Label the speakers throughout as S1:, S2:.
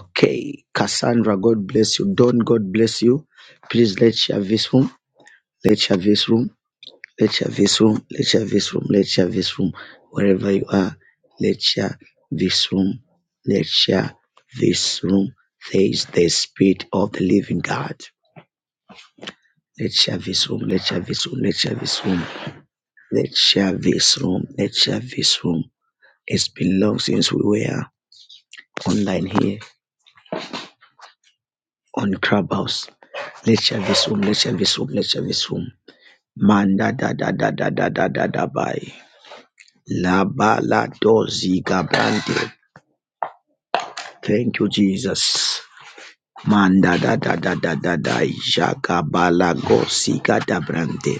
S1: Okay, Cassandra, God bless you. Don, God bless you. Please let's share this room. Let's share this room. Let's share this room. Let's share this room. Let's share this room. Wherever you are, let's share this room. Let's share this room. There is the spirit of the living God. Let's share this room. Let's share this room. Let's share this room. Let's share this room. Let's share this room. It's been long since we were online here. on Clubhouse. Let's share this room. Let's share this room. Let's share this room. Manda da da da da da da da da bye. La ba la do ziga brande. Thank you, Jesus. Manda da da da da da da. Jaga ba la go ziga da brande.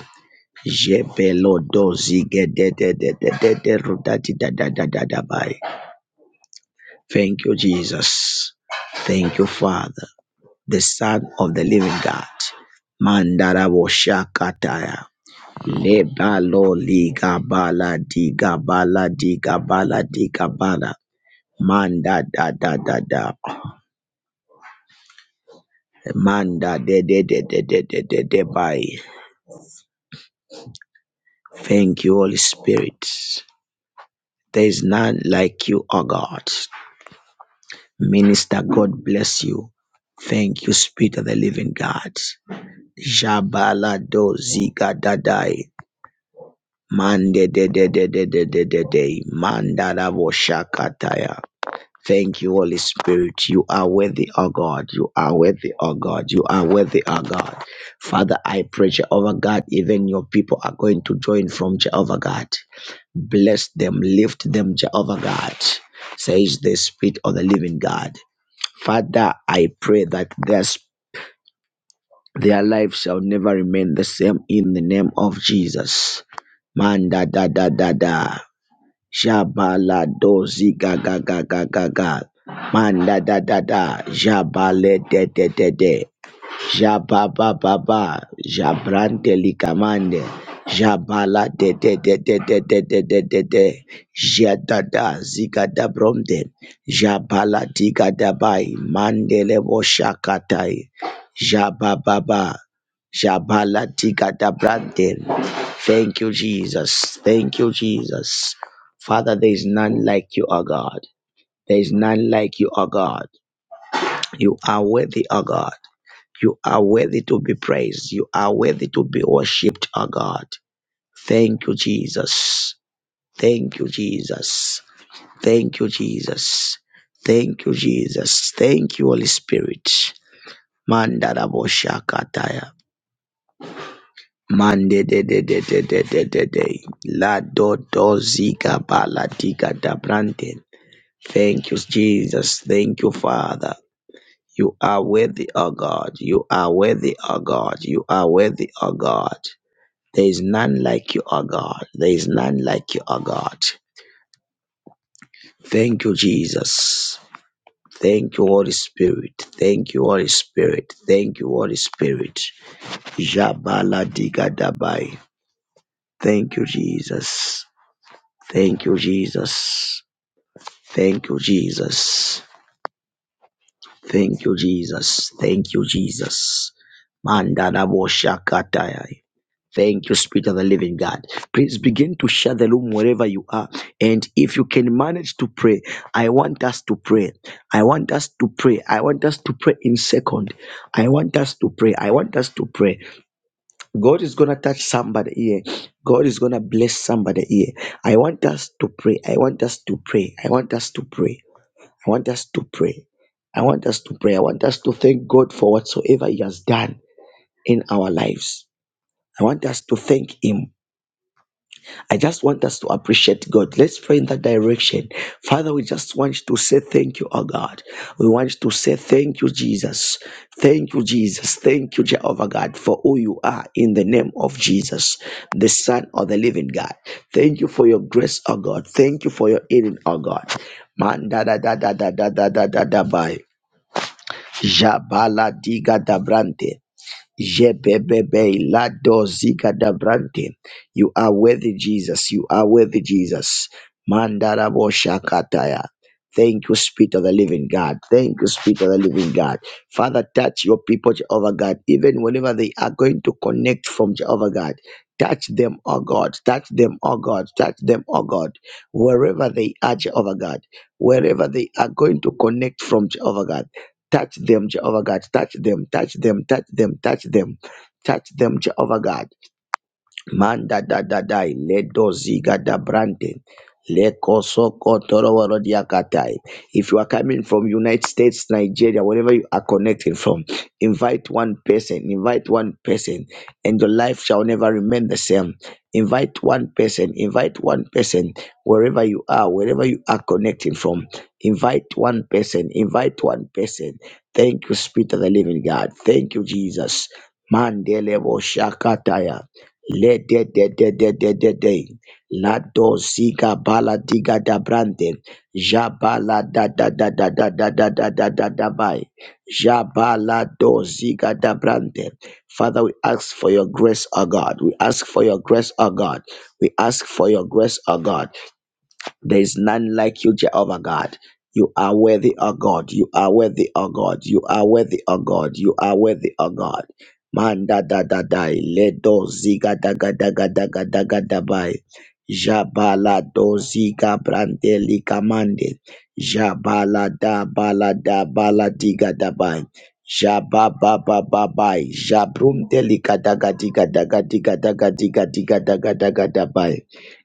S1: Jebelo do zige de de de de de de ru da di da da da da da bye. Thank you, Jesus. Thank you, Father, the Son of the Living God. Mandara wo shakataya. Lebalo liga bala diga bala diga bala diga bala manda da da da da manda de de de de de de de de by. Thank you, Holy Spirit. There is none like you, O God. Minister, God bless you. Thank you, Spirit of the Living God. Jabala do ziga dadai mande de de de de de de de de manda da bo shakataya. Thank you, Holy Spirit. You are worthy, O God. You are worthy, O God. You are worthy, O God. Father, I pray, Jehovah God, even your people are going to join from Jehovah God. Bless them, lift them, Jehovah God, says the Spirit of the living God. Father, I pray that their, sp- their life shall never remain the same in the name of Jesus. Man, da, da, da, da, da. Jabalado ziga gaga gaga ga ga ga. Manda da da da. Jabale de de de de. Jabababa, Jabrante Ligamande, Jabala de de de de de de de de de de, Jadada Zigada Bromde, Jabala Digadabai, Mandele Boshakatai, Jabababa, Jabala Digada Brande. Thank you, Jesus. Thank you, Jesus. Father, there is none like you, O God. There is none like you, O God. You are worthy, O God. You are worthy to be praised. You are worthy to be worshipped, O God. Thank you, Jesus. Thank you, Jesus. Thank you, Jesus. Thank you, Jesus. Thank you, Holy Spirit. Mandara boshakataya. Mande de de de de de de de de. La do do ziga bala diga da brante. Thank you, Jesus. Thank you, Father. You are worthy, O God. You are worthy, O God. You are worthy, O God. There is none like you, O God. There is none like you, O God. Thank you, Jesus. Thank you, Holy Spirit. Thank you, Holy Spirit. Thank you, Holy Spirit. Jabala digadabai. Thank you, Jesus. Thank you, Jesus. Thank you, Jesus. Thank you, Jesus. Thank you, Jesus. Mandana boshakataya. Thank you, Spirit of the Living God. Please begin to share the room wherever you are. And if you can manage to pray, I want us to pray. I want us to pray. I want us to pray in second. I want us to pray. I want us to pray. God is going to touch somebody here. God is going to bless somebody here. I want us to pray. I want us to pray. I want us to pray. I want us to pray. I want us to pray. I want us to thank God for whatsoever He has done in our lives. I want us to thank Him. I just want us to appreciate God. Let's pray in that direction. Father, we just want to say thank you, oh God. We want to say thank you, Jesus. Thank you, Jesus. Thank you, Jehovah God, for who you are in the name of Jesus, the Son of the living God. Thank you for your grace, oh God. Thank you for your healing, oh God. Man da da da da da da da da da da by Jabala diga da Brante. Jebebebe lado zikadabrante. You are worthy, Jesus. You are worthy, Jesus. Mandarabo shakataya. Thank you, Spirit of the Living God. Thank you, Spirit of the Living God. Father, touch your people, Jehovah God, even whenever they are going to connect from Jehovah God. Touch them, oh God. Touch them, oh God. Touch them, oh God. Wherever they are, Jehovah God. Wherever they are going to connect from Jehovah God. Touch them, Jehovah God. Touch them, touch them, touch them, touch them, touch them, Jehovah God. Manda da da dai ledo ziga da brande leko soko toro woro diakatai. If you are coming from United States, Nigeria, wherever you are connecting from, invite one person, invite one person, and your life shall never remain the same. Invite one person, invite one person, wherever you are, wherever you are connecting from, invite one person, invite one person. Thank you, Spirit of the Living God. Thank you, Jesus. Mandele bo shakataya. Ledededededede. Lado ziga bala diga da brande. Jabala da da da da da da da da da da da bai. Jabala do ziga da brande. Father, we ask for your grace, O God. We ask for your grace, O God. We ask for your grace, O God. There is none like you, Jehovah God. You are worthy, O God. You are worthy, O God. You are worthy, O God. You are worthy, O God. Manda da da da ledo ziga da ga da ga da ga da ga da bai. Jabala do ziga brandeli kamande. Jabala da bala da bala diga da bai. Jaba ba ba ba bai. Jabrum deli ga da ga diga da ga diga da ga diga diga da ga da ga da bai.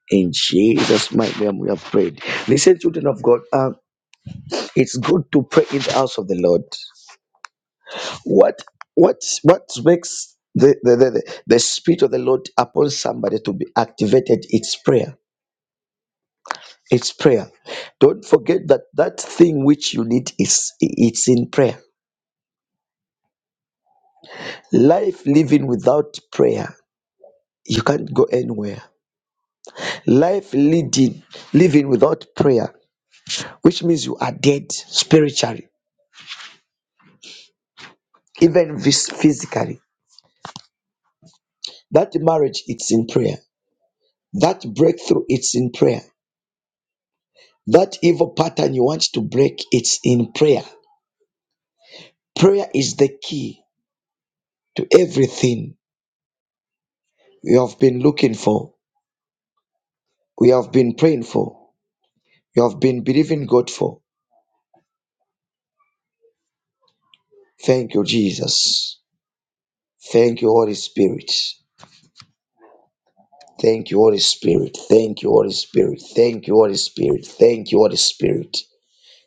S1: In Jesus' mighty name, we have prayed. Listen, children of God, uh, it's good to pray in the house of the Lord. What what what makes the the, the, the the spirit of the Lord upon somebody to be activated? It's prayer. It's prayer. Don't forget that that thing which you need is it's in prayer. Life living without prayer, you can't go anywhere. Life leading living without prayer, which means you are dead spiritually, even phys- physically That marriage, it's in prayer. That breakthrough, it's in prayer. That evil pattern you want to break, it's in prayer. Prayer is the key to everything you have been looking for, we have been praying for, you have been believing God for. Thank you, Jesus. Thank you, Holy Spirit. Thank you, Holy Spirit. Thank you, Holy Spirit. Thank you, Holy Spirit. Thank you, Holy Spirit.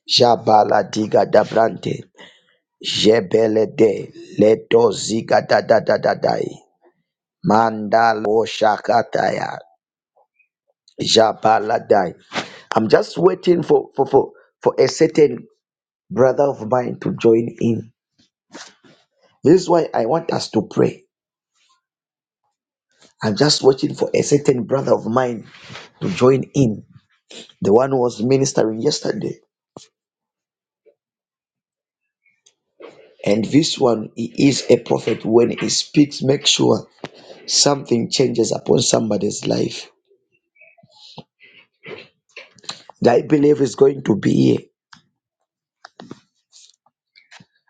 S1: Jabala diga dabrante. Jebelede leto zigada da da da dai mandalo shakataya jabaladai. I'm just waiting for for for for a certain brother of mine to join in. This is why I want us to pray. I'm just waiting for a certain brother of mine to join in. The one who was ministering yesterday. And this one, he is a prophet. When he speaks, make sure something changes upon somebody's life. That I believe is going to be here.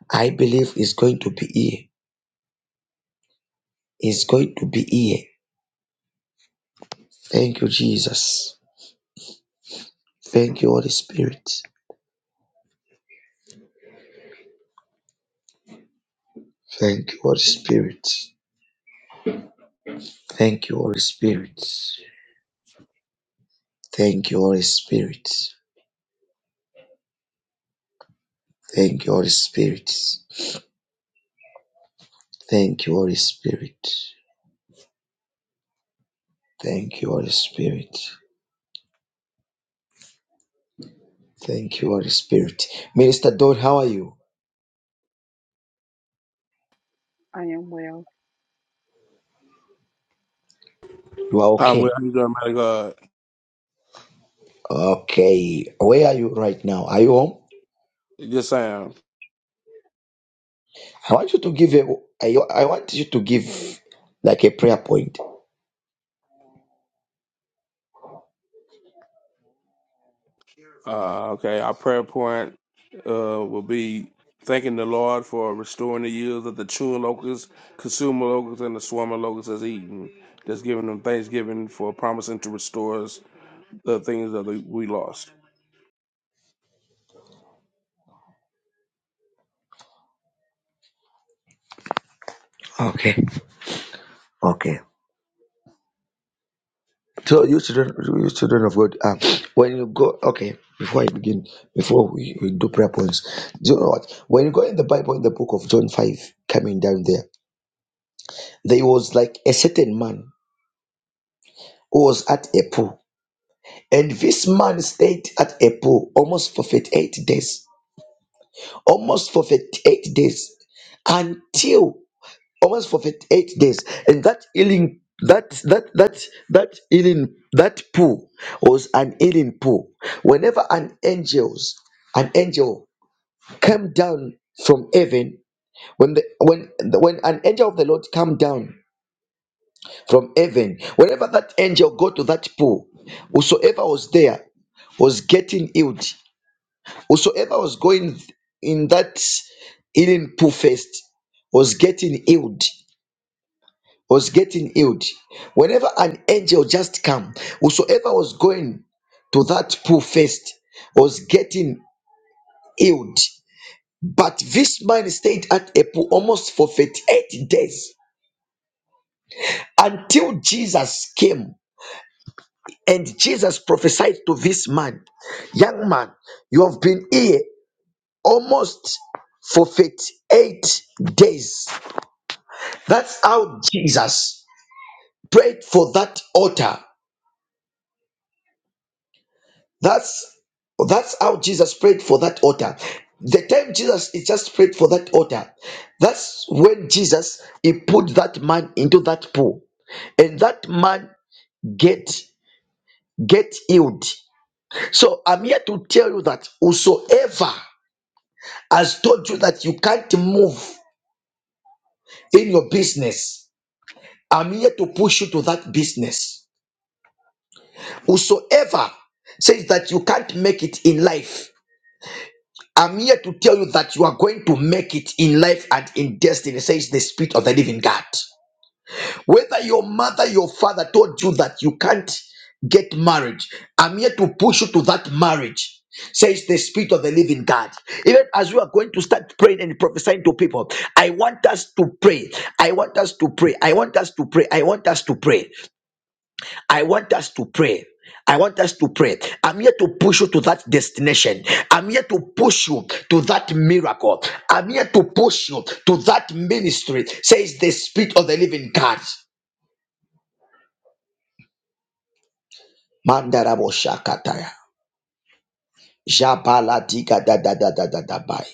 S1: I believe it's going to be here. It's going to be here. Thank you, Jesus. Thank you, Holy Spirit. Thank you, Holy Spirit. Thank you, Holy Spirit. Thank you, Holy Spirit. Thank you, Holy Spirit. Thank you, Holy Spirit. Thank you, Holy Spirit. Thank you, Holy Spirit. Minister Don, how are you?
S2: I am well.
S1: You are
S3: Um,
S1: okay.
S3: well, I'm doing mighty God.
S1: Okay. Where are you right now? Are you home?
S3: Just saying.
S1: I want you to give a I, I want you to give like a prayer point.
S3: Uh, okay, our prayer point uh, will be thanking the Lord for restoring the years of the chewing locust, consumer locust, and the swarming locust has eaten. Just giving them thanksgiving for promising to restore us the things that we we lost.
S1: Okay. Okay. So you children, you children of God, um, when you go, okay, before I begin, before we, we do prayer points, do you know what? When you go in the Bible, in the book of John 5, coming down there, there was like a certain man who was at a pool. And this man stayed at a pool almost for 38 days. Almost for 38 days. Until almost for 58 days and that healing that that that that healing that pool was an healing pool whenever an angels an angel came down from heaven when the when when an angel of the lord came down from heaven whenever that angel go to that pool whosoever was there was getting healed whosoever was going in that healing pool first was getting healed was getting healed. Whenever an angel just come, whosoever was going to that pool first was getting healed. But this man stayed at a pool almost for 38 days until Jesus came and Jesus prophesied to this man, Young man, you have been here almost for 38 days. That's how Jesus prayed for that altar That's that's how Jesus prayed for that altar. The time Jesus he just prayed for that altar, that's when Jesus he put that man into that pool, and that man get get healed. So I'm here to tell you that whosoever has told you that you can't move in your business, I'm here to push you to that business. Whosoever says that you can't make it in life, I'm here to tell you that you are going to make it in life and in destiny, says the Spirit of the Living God. Whether your mother, your father told you that you can't get married, I'm here to push you to that marriage, says the Spirit of the Living God. Even as we are going to start praying and prophesying to people, I want us to pray. I want us to pray. I want us to pray. I want us to pray. I want us to pray. I want us to pray. I'm here to push you to that destination. I'm here to push you to that miracle. I'm here to push you to that ministry, says the Spirit of the Living God. Mandarabo Shakataya. Jabala diga da da da da da da bai.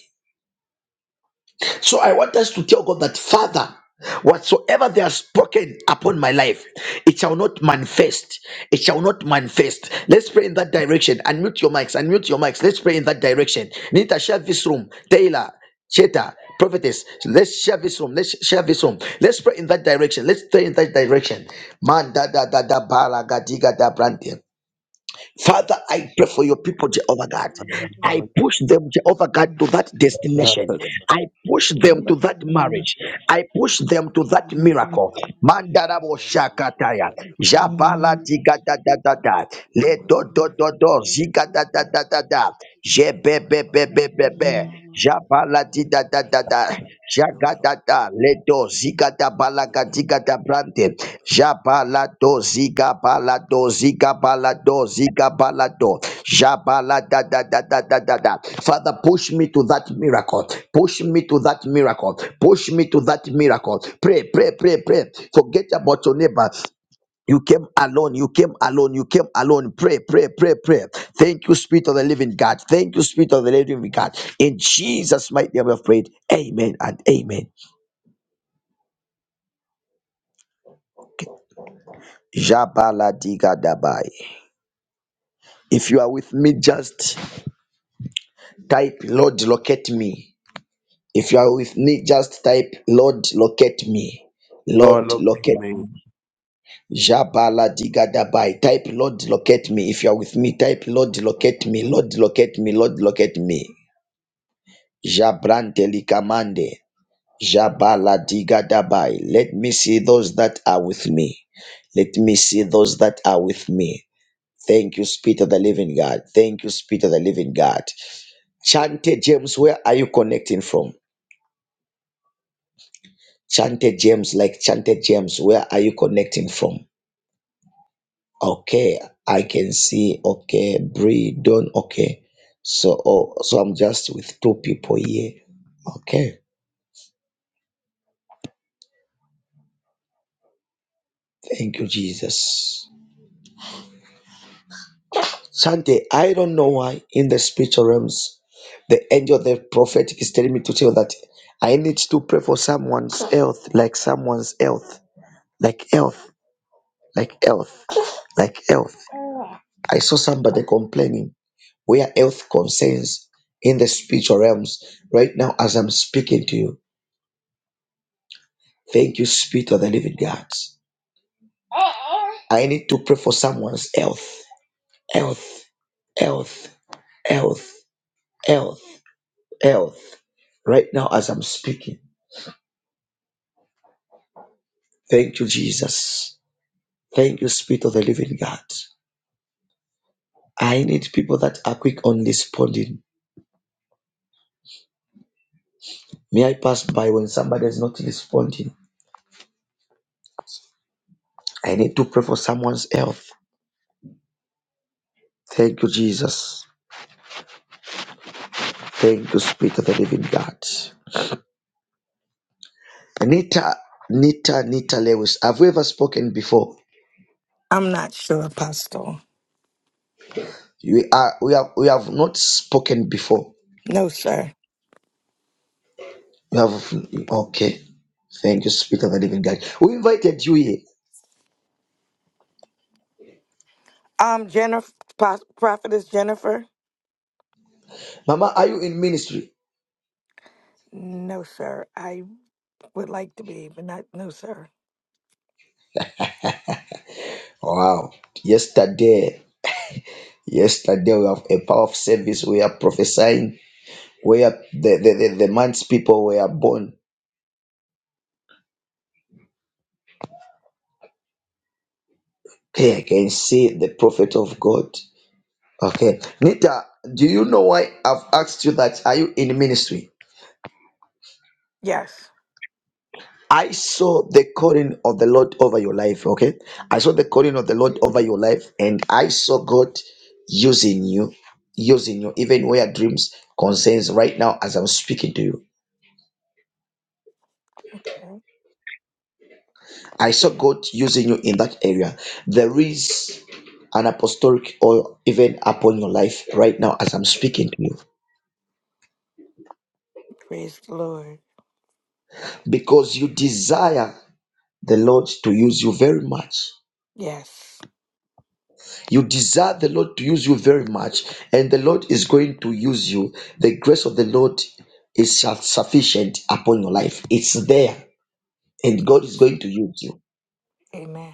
S1: So I want us to tell God that, Father, whatsoever they have spoken upon my life, it shall not manifest. It shall not manifest. Let's pray in that direction. Unmute your mics. Unmute your mics. Let's pray in that direction. Nita, share this room. Taylor, Cheta, prophetess. Let's share this room. Let's share this room. Let's pray in that direction. Let's pray in that direction. Man da da da da bala gadiga da brande. Father, I pray for your
S4: Thank
S1: people, Jehovah God. I push them, Jehovah God, to that destination. I push them to that marriage. I push them to that miracle. Mandarabo shakataya. Jabala diga da da da da. Le do do do do. Ziga da da da da da. Jebebebebebebe.
S4: you.
S1: Jabaladidadadada. Jagadada. Ledo zigada balagadigada brante. Jabalado zigabalado zigabalado zigabalado. Jabaladadadadadada. Father, push me to that miracle. Push me to that miracle. Push me to that miracle. Pray, pray, pray, pray. Forget about your neighbor. You came alone. You came alone. You came alone. Pray, pray, pray, pray. Thank you, Spirit of the Living God. Thank you, Spirit of the Living God. In Jesus' mighty name, we have prayed. Amen and amen. Jabala diga dabai. If you are with me, just type Lord, locate me. If you are with me, just type Lord, locate me.
S3: Lord,
S1: Lord,
S3: locate
S1: locate me.
S3: me.
S1: Jabala diga dabai. Type Lord, locate me. If you are with me, type Lord, locate me. Lord, locate me. Lord, locate me. Jabrante likamande. Jabala diga Jabaladigadabay. Let me see those that are with me. Let me see those that are with me. Thank you, Spirit of the Living God. Thank you, Spirit of the Living God. Chante James, where are you connecting from? Chante James, like Chante James, where are you connecting from? Okay, I can see. Okay, Bree, Dawn. Okay, so oh, so I'm just with two people here. Okay, thank you, Jesus. Shante, I don't know why in the spiritual realms, the angel, of the prophetic is telling me to tell that I need to pray for someone's health, like someone's health, like health, like health, like health. I saw somebody complaining where health concerns in the spiritual realms right now as I'm speaking to you. Thank you, Spirit of the Living God. I need to pray for someone's health, health, health, health, health, health, right now as I'm speaking. Thank you, Jesus. Thank you, Spirit of the Living God. I need people that are quick on responding. May I pass by when somebody is not responding? I need to pray for someone's health. Thank you, Jesus. Thank you, Spirit of the Living God. Nita, Nita, Nita Lewis. Have we ever spoken before?
S5: I'm not sure, Apostle.
S1: We are, we have, we have not spoken before.
S5: No, sir.
S1: You have, okay. Thank you, Spirit of the Living God. We invited you here,
S5: Um, Jennifer, Prophetess Jennifer.
S1: Mama. Are you in ministry?
S5: No, sir. I would like to be, but not. No, sir.
S1: Wow. Yesterday. Yesterday we have a power of service. We are prophesying where the, the, the, the man's people were born. Okay, I can see the prophet of God. Okay. Nita, do you know why I've asked you that? Are you in ministry?
S5: Yes.
S1: I saw the calling of the Lord over your life. Okay. I saw the calling of the Lord over your life, and I saw God using you, using you, even where dreams concerns right now as I'm speaking to you.
S5: Okay.
S1: I saw God using you in that area. There is an apostolic oil even upon your life right now as I'm speaking to you
S5: Praise the Lord.
S1: because you desire the Lord to use you very much.
S5: Yes.
S1: You desire the Lord to use you very much, and the Lord is going to use you. The grace of the Lord is sufficient upon your life, it's there, and
S5: Yeah.
S1: God is going to use you.
S5: Amen.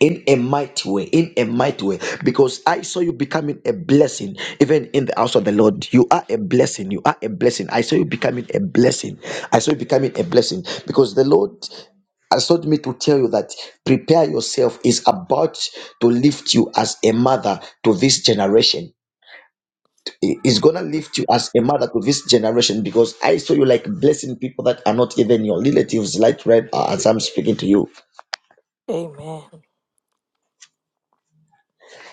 S1: in a mighty way, in a mighty way, because I saw you becoming a blessing, even in the house of the Lord. You are a blessing. You are a blessing. I saw you becoming a blessing. I saw you becoming a blessing because the Lord has told me to tell you that prepare yourself is about to lift you as a mother to this generation. He- He's gonna lift you as a mother to this generation because I saw you like blessing people that are not even your relatives, like right now as I'm speaking to you.
S5: Amen.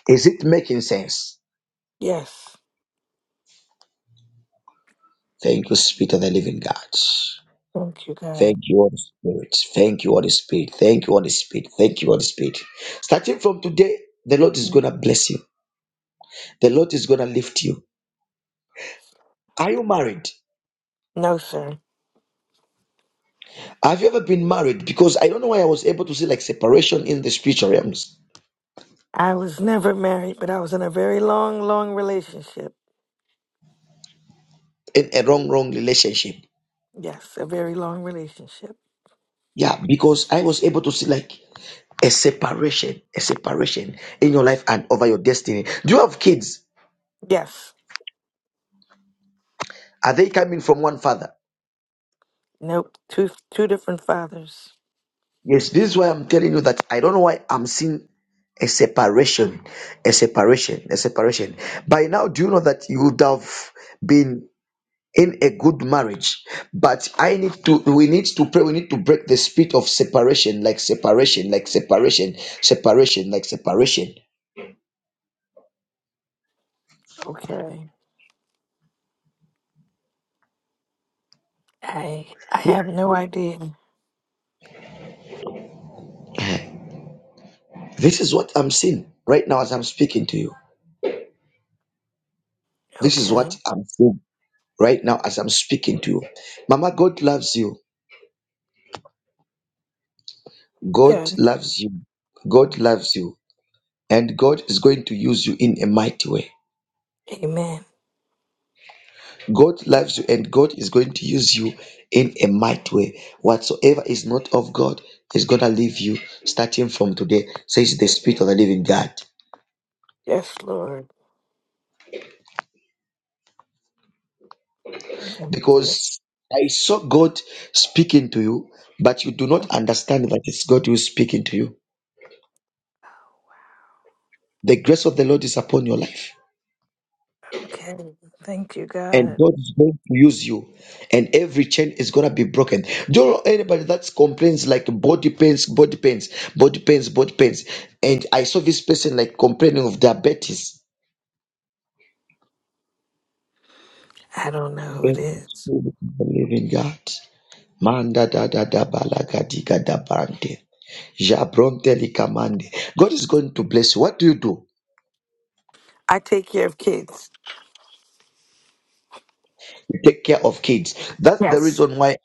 S1: Is it making sense?
S5: Yes.
S1: Thank you, Spirit of the Living God.
S5: Thank you, God.
S1: Thank you, Holy Spirit. Thank you, Holy Spirit. Thank you, Holy Spirit. Thank you, Holy Spirit. Starting from today, the Lord is going to bless you. The Lord is going to lift you.
S5: Yes.
S1: Are you married?
S5: No, sir.
S1: Have you ever been married? Because I don't know why I was able to see like separation in the spiritual realms
S5: I was never married, but I was in a very long, long relationship.
S1: in a wrong, wrong relationship.
S5: Yes, a very long relationship.
S1: Yeah, because I was able to see like a separation, a separation in your life and over your destiny. Do you have kids?
S5: Yes.
S1: Are they coming from one father?
S5: Nope. Two two different fathers.
S1: Yes, this is why I'm telling you that I don't know why I'm seeing a separation, a separation, a separation. By now, do you know that you would have been in a good marriage? But I need to, we need to pray, we need to break the spirit of separation, like separation, like separation, separation, like separation.
S5: Okay. I I have no idea.
S1: This is what I'm seeing right now as I'm speaking to you. This is
S5: Okay.
S1: what I'm seeing right now as I'm speaking to you. Mama, God loves you. God
S5: Yeah.
S1: loves you. God loves you. and God is going to use you in a mighty way.
S5: Amen.
S1: God loves you and God is going to use you in a mighty way. Whatsoever is not of God is going to leave you starting from today, says the Spirit of the Living God.
S5: Yes, Lord. Thank you.
S1: Because I saw God speaking to you, but you do not understand that it's God who is speaking to you. The grace of the Lord is upon your life.
S5: Okay. Thank you,
S1: and
S5: God.
S1: God is going to use you, and every chain is gonna be broken. Do you know anybody that complains like body pains, body pains, body pains, body pains? And I saw this person like complaining of diabetes.
S5: I don't know who it
S1: And
S5: is.
S1: believing God. Manda da da da balagadiga da bante. Jabronte likamande. God is going to bless you. What do you do?
S5: I take care of kids.
S1: You take care of kids. That's the
S5: Yes.
S1: reason why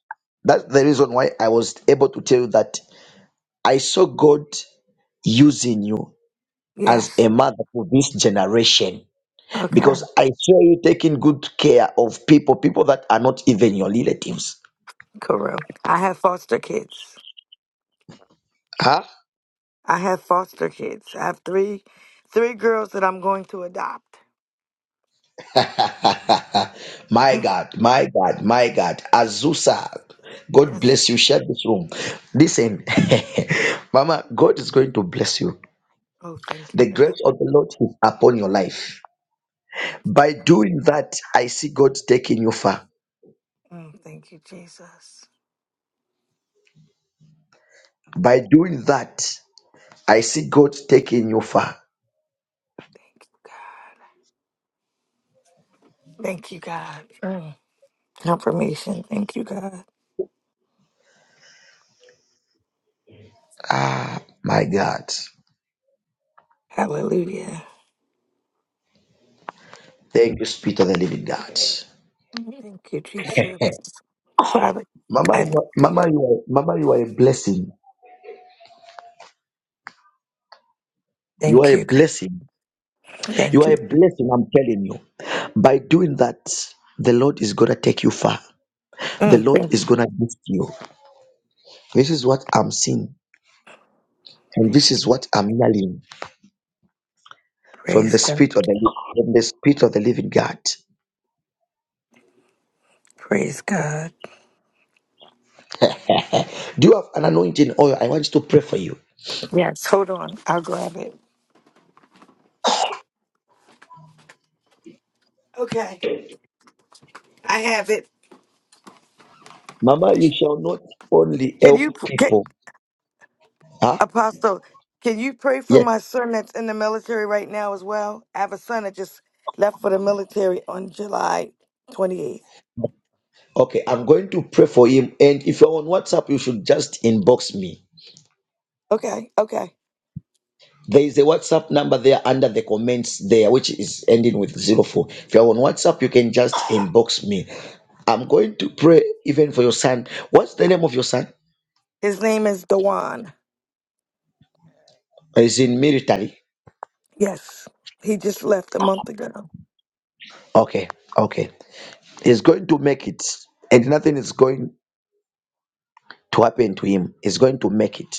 S1: that's the reason why I was able to tell you that I saw God using you as
S5: Yes.
S1: a mother for this generation
S5: Okay.
S1: because I saw you taking good care of people, people that are not even your relatives.
S5: Cool. I have foster kids.
S1: Huh?
S5: I have foster kids. I have three three girls that I'm going to adopt.
S1: my
S5: Mhm.
S1: God, my God, my God. Azusa, God
S5: Yes.
S1: bless you. Share this room. Listen, Mama, God is going to bless you.
S5: Oh, thank you,
S1: The
S5: God.
S1: grace of the Lord is upon your life.
S5: Thank you.
S1: By doing that, I see God taking you far.
S5: Mm, thank you, Jesus.
S1: By doing that, I see God taking you far.
S5: Thank you, God. Thank you, God. Mm. Confirmation. Thank you, God.
S1: Ah, my God.
S5: Hallelujah.
S1: Thank you, Spirit of the Living God.
S5: Thank you, Jesus. Father,
S1: Mama,
S5: I
S1: you are, Mama, you are, Mama, you are a blessing. You are
S5: thank
S1: a
S5: you.
S1: blessing. You
S5: Thank
S1: are
S5: you.
S1: a blessing. I'm telling you. By doing that, the Lord is gonna take you far. The
S5: Mm,
S1: Lord
S5: thank-
S1: is gonna lift you. This is what I'm seeing, and this is what I'm hearing from
S5: Praise
S1: the
S5: God.
S1: Spirit of the Li- from the Spirit of the Living God.
S5: Praise God.
S1: Do you have an anointing oil? I want to pray for you,
S5: Yes, hold on. I'll grab it. Okay, I have it.
S1: Mama. You shall not only
S5: Can you,
S1: help
S5: p- get,
S1: people. Huh?
S5: Apostle, can you pray for
S1: Yes.
S5: my son that's in the military right now as well? I have a son that just left for the military on July 28th.
S1: Okay, I'm going to pray for him. And if you're on WhatsApp, you should just inbox me.
S5: Okay, okay.
S1: There is a WhatsApp number there under the comments there, which is ending with zero four. If you're on WhatsApp, you can just inbox me. I'm going to pray even for your son. What's the name of your son?
S5: His name is Dewan.
S1: He's in military.
S5: Yes, he just left a month ago. Thank
S1: Okay, okay. He's going to make it, and nothing is going to happen to him. He's going to make it.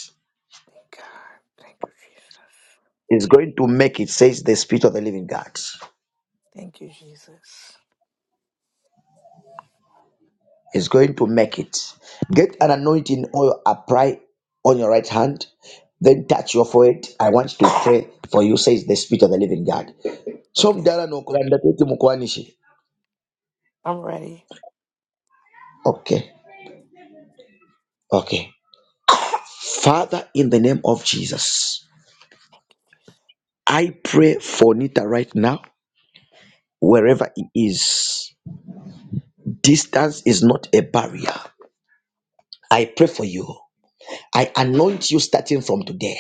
S5: God. Thank you, Jesus.
S1: He's going to make it, says the Spirit of the Living God.
S5: Thank you, Jesus.
S1: is going to make it. Get an anointing oil, apply on your right hand, then touch your forehead. I want to pray for you, says the Spirit of the Living God. So
S5: Okay,
S1: mdala na ukuranda kuti mukwanishi.
S5: I'm ready.
S1: Okay, okay. Father, in the name of Jesus, I pray for Nita right now, wherever he is. Distance is not a barrier. I pray for you. I anoint you starting from today.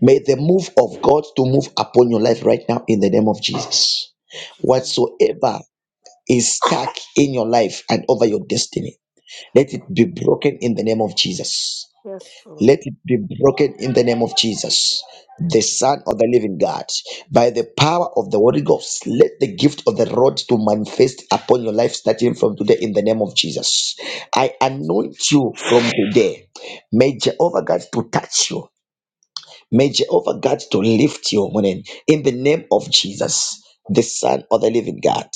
S1: May the move of God to move upon your life right now in the name of Jesus.
S5: Thank you, Jesus.
S1: Whatsoever is stuck in your life and over your destiny,
S5: Yes,
S1: let it
S5: Lord.
S1: be broken in the name of Jesus.
S5: Yes, Lord.
S1: Let it be broken in the name of Jesus,
S5: Thank
S1: the
S5: you.
S1: Son of the Living God. By the power of the Holy Ghost, let the gift of the rod to manifest upon your life starting from today in the name of Jesus. I anoint you from today. May Jehovah God to touch you. May Jehovah God to lift your morning in the name of Jesus, the Son of the Living God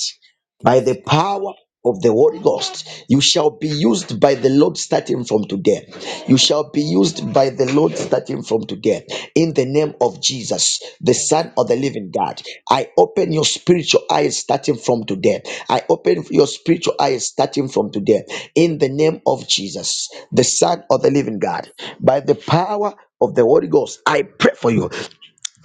S1: by
S5: Yes,
S1: the power of the Holy Ghost. You shall be used by the Lord starting from today. You shall be used by the Lord starting from today. In the name of Jesus, the
S5: thank
S1: Son of the
S5: you.
S1: Living God, I open your spiritual eyes starting from today. I open your spiritual eyes starting from today. In the name of Jesus, the
S5: Jesus.
S1: Son of the Living God, by the power of the Holy Ghost, I pray for you.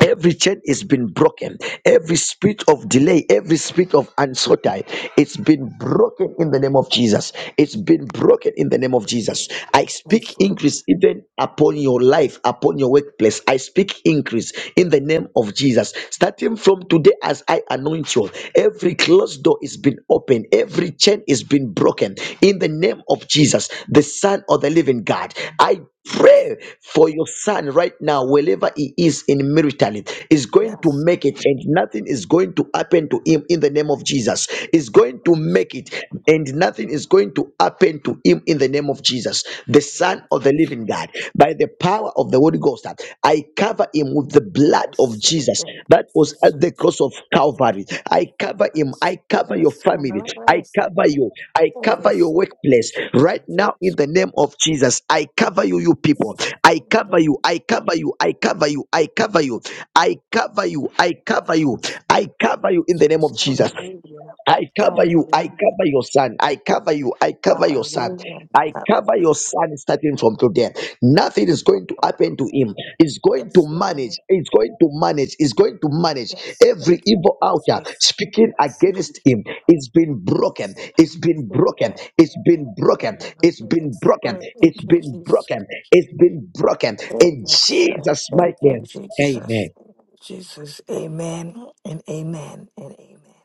S1: Every chain is been broken. Every spirit of delay, every spirit of uncertainty, it's been broken in the name of Jesus. It's been broken in the name of Jesus. I
S5: Yes,
S1: speak
S5: Lord.
S1: increase even upon your life, upon your workplace. I speak increase in the name of Jesus. Starting from today, as I anoint you, every closed door is been opened, every chain is been broken in the name of Jesus, the Son of the Living God. I Pray for your son right now, wherever he is in maritally, is going to
S5: Yes.
S1: make it, and nothing is going to happen to him in the name of Jesus. Is going
S5: Thank
S1: to
S5: you, Jesus.
S1: make it, and nothing is going to happen to him in the name of Jesus, the Son of the Living God. By the power of the Holy Ghost, I cover him with the blood blood of
S5: Yes, Lord.
S1: Jesus
S5: thank you,
S1: that was
S5: Jesus. Yes,
S1: at the cross of
S5: Lord.
S1: Calvary. I cover him.
S5: Yes,
S1: I
S5: Lord.
S1: cover your
S5: Yes, yes,
S1: family. I cover you. I
S5: Lord.
S1: cover
S5: Yes,
S1: your workplace. Right now,
S5: Jesus.
S1: in
S5: Thank
S1: the name of Jesus, I cover
S5: you,
S1: you, you people.
S5: Jesus.
S1: I cover you. I cover you. I cover you. I cover you. I cover you. I cover you. I
S5: Thank you,
S1: cover you in the name
S5: Jesus.
S1: of Jesus.
S5: Hallelujah.
S1: I cover you. I
S5: Hallelujah.
S1: cover your son. I cover you. I cover your son.
S5: Hallelujah.
S1: I cover
S5: Hallelujah.
S1: your son starting from today. Nothing is going to happen to him.
S5: Hallelujah.
S1: It's going to
S5: Yes, Lord.
S1: manage. It's going to manage. It's going to manage.
S5: Yes, thank
S1: Every
S5: you,
S1: evil altar
S5: Jesus.
S1: speaking
S5: Yes, yes,
S1: against him. It's been broken. It's been
S5: amen.
S1: broken. It's been broken. It's
S5: Hallelujah.
S1: been
S5: Yes,
S1: broken.
S5: Lord,
S1: It's
S5: thank you,
S1: been
S5: Jesus.
S1: broken. It's been broken. In
S5: Yes, sir.
S1: Jesus'
S5: Thank
S1: mighty
S5: you,
S1: name. Amen.
S5: Jesus. Thank you, Jesus, amen and amen and amen.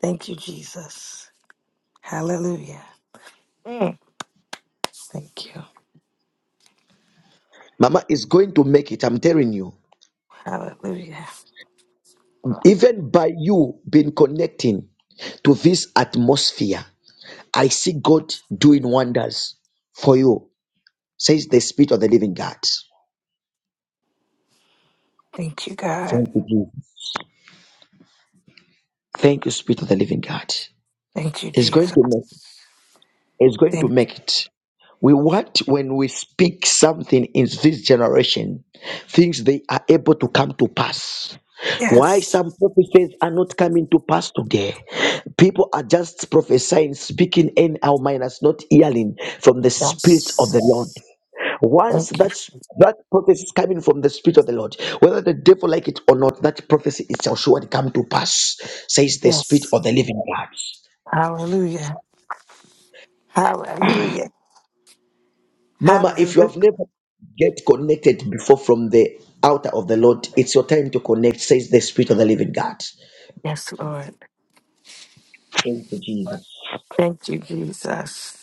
S5: Thank you, Jesus. Hallelujah. Mm. Thank you.
S1: Mama is going to make it. I'm telling you.
S5: Hallelujah.
S1: Even by you being connecting to this atmosphere, I see God doing wonders for you, says the Spirit of the Living God.
S5: Thank you, God.
S1: Thank you, Jesus. Thank you, Spirit of the Living God.
S5: Thank you,
S1: It's going
S5: Jesus.
S1: to make is going to
S5: Thank
S1: make it. We want when we speak something in this generation, things they are able to come to pass. Why
S5: yes.
S1: some prophecies are not coming to pass today? People are just prophesying, speaking in our minds, not hearing from the Spirit of the Lord.
S5: Yes.
S1: Once
S5: Thank you.
S1: that's that prophecy is coming from the Spirit of the Lord, whether the devil like it or not, that prophecy it shall surely come to pass, says the Spirit
S5: Yes.
S1: of the Living God.
S5: Hallelujah. Hallelujah.
S1: Mama, if you have
S5: Hallelujah.
S1: never get connected before from the altar of the Lord, it's your time to connect, says the Spirit of the Living God.
S5: Yes, Lord.
S1: Thank you, Jesus.
S5: Thank you, Jesus.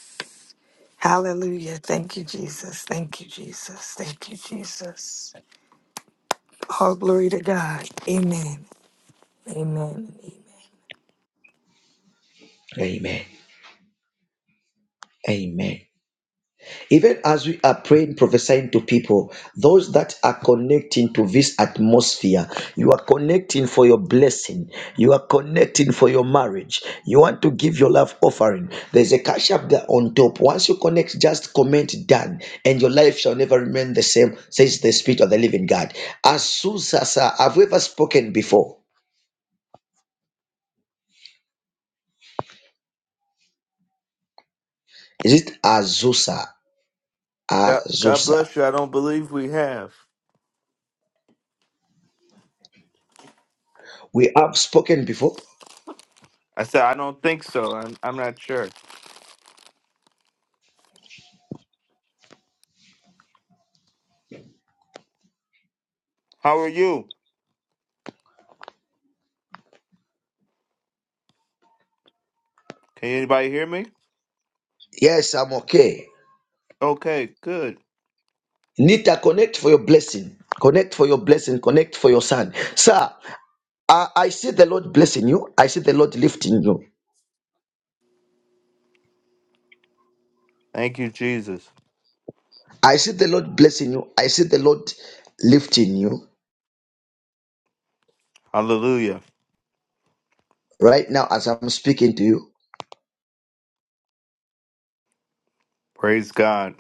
S5: Hallelujah. Thank you, Jesus. Thank you, Jesus. Thank you, Jesus. All glory to God. Amen. Amen.
S1: Amen. Amen. Even as we are praying, prophesying to people, those that are connecting to this atmosphere, you are connecting for your blessing. You are connecting for your marriage. You want to give your love offering. There's a cash up there on top. Once you connect, just comment done, and your life shall never remain the same, says the Spirit of the Living God. Azusa, have we ever spoken before? Is it Azusa?
S6: God, God
S1: Azusa.
S6: bless you. I don't believe we have.
S1: We have spoken before.
S6: I said, I don't think so. I'm, I'm not sure. How are you? Can anybody hear me?
S1: Yes, I'm okay.
S6: Okay, good.
S1: Nita, connect for your blessing. Connect for your blessing. Connect for your son. Sir, I, I see the Lord blessing you. I see the Lord lifting you.
S6: Thank you, Jesus.
S1: I see the Lord blessing you. I see the Lord lifting you
S6: Hallelujah.
S1: right now as I'm speaking to you.
S6: Praise God.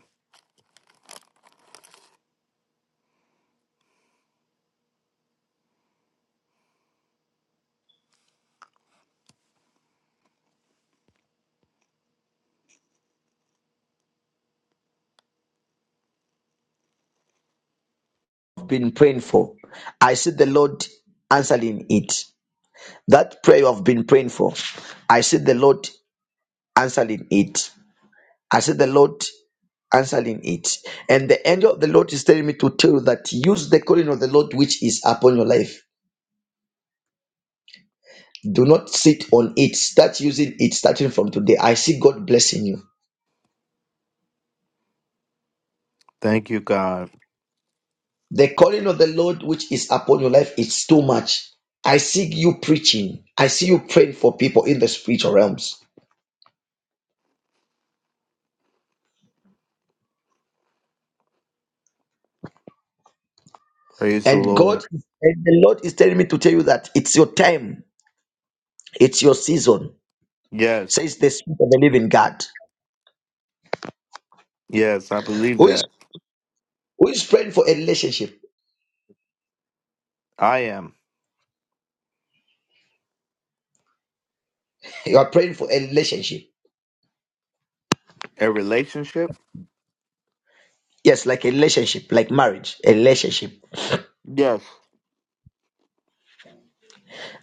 S1: I've been praying for. I see the Lord answering it. That prayer you have been praying for. I see the Lord answering it. I see the Lord answering it. And the angel of the Lord is telling me to tell you that use the calling of the Lord which is upon your life Do not sit on it. Start using it starting from today. I see God blessing you.
S6: Thank you, God.
S1: The calling of the Lord which is upon your life is too much. I see you preaching. I see you praying for people in the spiritual realms.
S6: Praise the
S1: And
S6: Lord.
S1: God and the Lord is telling me to tell you that it's your time. It's your season.
S6: Yes,
S1: Says the spirit of the living God.
S6: yes, I believe
S1: Who is
S6: that.
S1: who is praying for a relationship?
S6: I am.
S1: You are praying for a relationship.
S6: A relationship?
S1: Yes, like a relationship, like marriage, a relationship.
S6: Yes.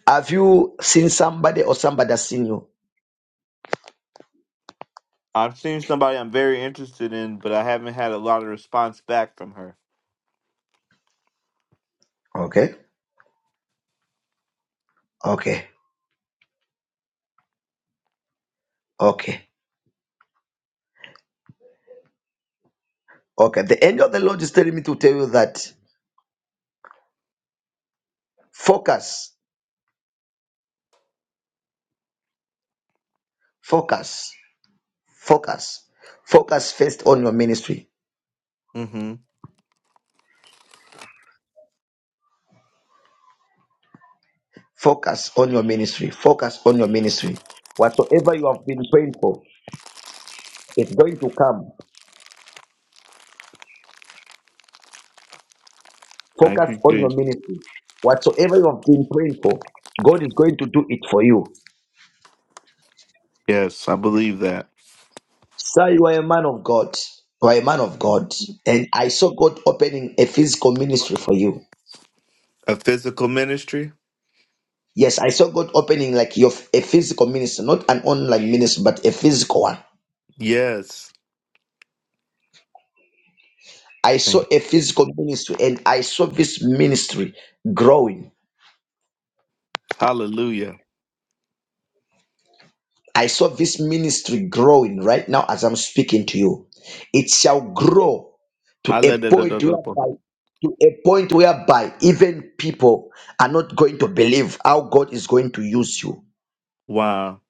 S1: Have you seen somebody or somebody has seen you?
S6: I've seen somebody I'm very interested in, but I haven't had a lot of response back from her.
S1: Okay. Okay, okay, okay. The angel of the Lord is telling me to tell you that focus, focus, focus, focus first on your ministry.
S6: Mm-hmm.
S1: Focus on your ministry. Focus on your ministry. Whatsoever you have been praying for, it's going to come.
S6: Thank
S1: Focus
S6: you,
S1: on your
S6: Jesus.
S1: ministry. Whatsoever you have been praying for, God is going to do it for you.
S6: Yes, I believe that.
S1: Sir, you are a man of God. You are a man of God. And I saw God opening a physical ministry for you.
S6: A physical ministry?
S1: Yes, I saw God opening like your a physical ministry, not an online ministry, but a physical one.
S6: Yes.
S1: I saw
S6: Thank
S1: a physical ministry and I saw this ministry growing.
S6: Hallelujah.
S1: I saw this ministry growing right now as I'm speaking to you. It shall grow to a point
S6: Hallelujah.
S1: whereby to a point whereby even people are not going to believe how God is going to use you.
S6: Wow.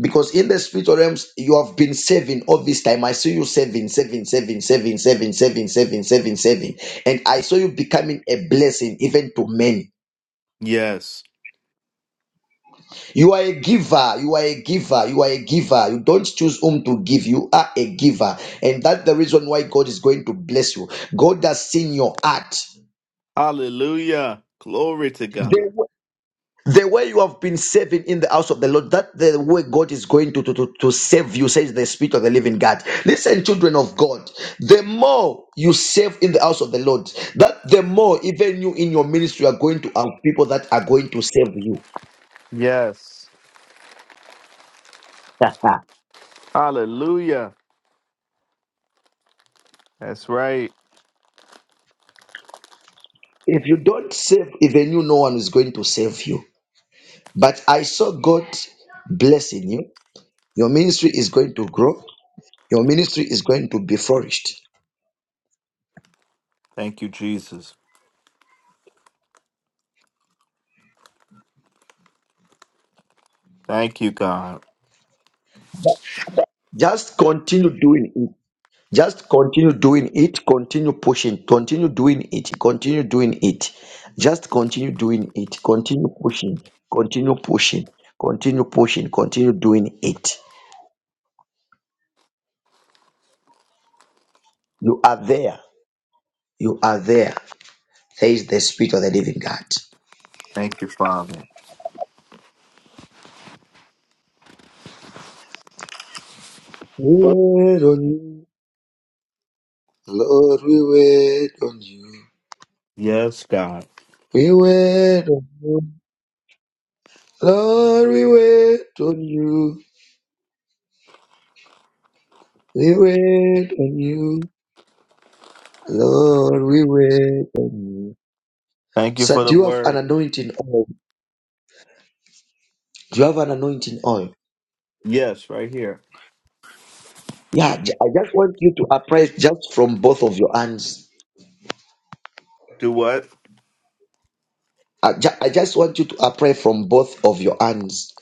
S1: Because in the spiritual realms, you have been saving all this time. I saw you saving, saving, saving, saving, saving, saving, saving, saving, saving. And I saw you becoming a blessing even to many.
S6: Yes.
S1: You are a giver. You are a giver. You are a giver. You don't choose whom to give. You are a giver. And that's the reason why God is going to bless you. God has seen your heart.
S6: Hallelujah. Glory to God.
S1: The way you have been saving in the house of the Lord, that the way God is going to, to, to, to save you, says the Spirit of the living God. Listen, children of God, the more you save in the house of the Lord, that the more even you in your ministry are going to have people that are going to save you.
S6: Yes. Hallelujah. That's right.
S1: if you don't save, even you, no one is going to save you. But I saw God blessing you. Your ministry is going to grow. Your ministry is going to be flourished.
S6: Thank you, Jesus. Thank you, God.
S1: Just continue doing it Just continue doing it, continue pushing, continue doing it, continue doing it. Just continue doing it, continue pushing, continue pushing, continue pushing, continue doing it. You are there. You are there. There is the Spirit of the Living God.
S6: Thank you, Father.
S1: We wait on you, Lord, we wait on you.
S6: Yes, God.
S1: We wait on Lord, we wait on you. We wait on you, Lord, we wait on you.
S6: Thank you
S1: So
S6: for
S1: do
S6: the
S1: you have an
S6: word.
S1: anointing oil? Do you have an anointing oil?
S6: Yes, right here.
S1: Yeah, j- I just want you to apply just from both of your hands.
S6: Do what?
S1: I, ju- I just want you to apply from both of your hands.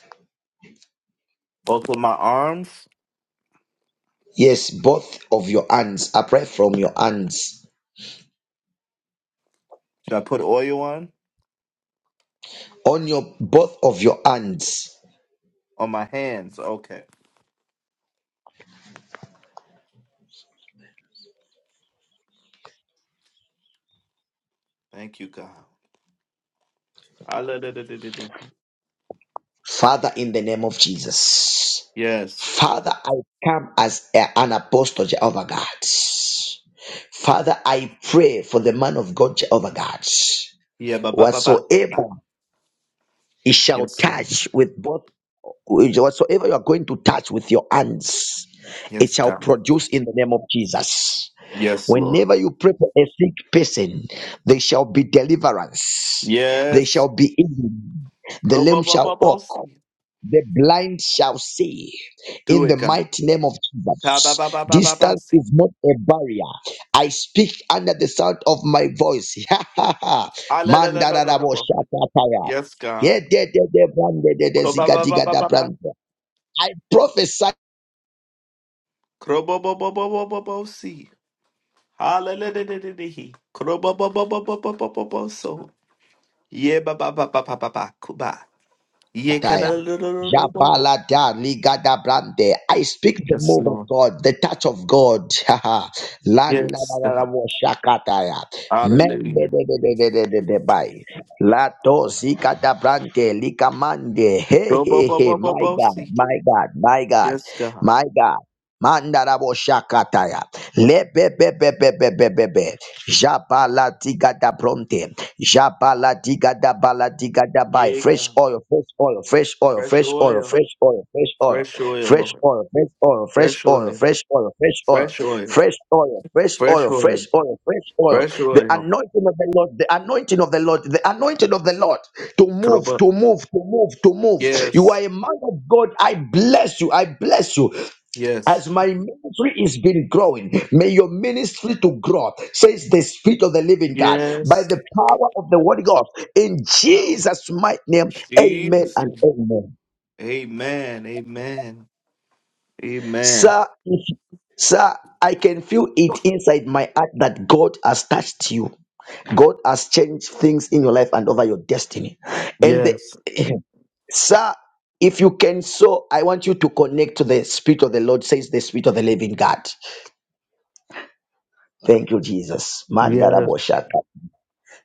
S6: Both of my arms?
S1: Yes, both of your hands. Apply from your hands.
S6: Should I put oil on?
S1: On your both of your hands.
S6: On my hands. Okay. Thank you, God. Hallelujah.
S1: Father, in the name of Jesus.
S6: Yes.
S1: Father, I come as a- an apostle, Jehovah God. Father, I pray for the man of God, Jehovah God.
S6: Yeah, ba ba ba ba. ba.
S1: Whatsoever It shall
S6: Yes.
S1: touch with both with whatsoever you are going to touch with your hands, it
S6: Yes,
S1: shall
S6: God.
S1: produce in the name of Jesus.
S6: Yes, Lord.
S1: Whenever you pray for a sick person, there shall be deliverance, there
S6: Yes,
S1: shall be healing, the
S6: croba
S1: lame
S6: ba ba ba
S1: shall
S6: ba ba ba ba
S1: walk,
S6: si.
S1: the blind shall see
S6: Do
S1: in the
S6: it, God.
S1: mighty name of
S6: Ta ba
S1: Jesus.
S6: ba ba ba ba ba ba
S1: Distance
S6: si.
S1: is not a barrier. I speak under the sound of my voice. Ha ha ha.
S6: Allelujah.
S1: Mandarabo shakataya.
S6: Yes, God.
S1: Yededede brandedede
S6: Croba ba ba
S1: zigadiga
S6: ba
S1: da
S6: ba ba.
S1: brande. I prophesy
S6: Croba ba ba ba ba ba ba ba si. Allelujah. Croba ba ba ba ba ba ba ba ba ba so. Ye ba ba ba ba ba ba ba ku ba. Ye.
S1: Ataya.
S6: Allelujah.
S1: Jabalada ligada brande. I speak the
S6: Yes,
S1: move of
S6: Lord.
S1: God, the touch of God. Haha. Landa da
S6: Yes,
S1: da da
S6: God.
S1: wo shakataya. Mende
S6: Allelujah.
S1: de de de de de de de bai. Lato zikada brande likamande. Hey
S6: Croba
S1: hey
S6: ba
S1: hey.
S6: ba ba ba
S1: My
S6: ba ba
S1: God,
S6: si.
S1: my God, my God,
S6: Yes, God.
S1: my God. mandara da wo shakataya. Lebebebebebebebe. Jabalatika da bronte. Jabalatika da balatika da bai.
S6: Ye,
S1: Fresh
S6: God.
S1: oil, fresh oil,
S6: Fresh
S1: fresh oil,
S6: oil.
S1: fresh oil, fresh oil,
S6: Fresh oil,
S1: fresh
S6: Lord.
S1: oil, fresh oil, fresh
S6: Fresh
S1: oil,
S6: oil.
S1: fresh oil, fresh oil,
S6: Fresh oil.
S1: fresh oil, fresh
S6: Fresh
S1: oil, fresh oil, fresh
S6: oil.
S1: oil, fresh oil.
S6: Fresh
S1: The
S6: oil.
S1: anointing of the Lord, the anointing of the Lord, the anointing of the Lord to move,
S6: Kroba.
S1: to move, to move, to move. You
S6: Yes.
S1: are a man of God. I bless you. I bless you.
S6: Yes.
S1: As my ministry is been growing, may your ministry to grow, says the Spirit of the Living God, by
S6: Yes.
S1: the power of the Word God, in Jesus' mighty name, amen
S6: Jesus.
S1: and amen.
S6: Amen. Amen. Amen.
S1: Sir, if- sir, I can feel it inside my heart that God has touched you. God has changed things in your life and over your destiny. And the,
S6: Yes.
S1: sir, if you can so, I want you to connect to the Spirit of the Lord, says the Spirit of the Living God. Thank you, Jesus. Mandara
S6: Yes.
S1: boshaka.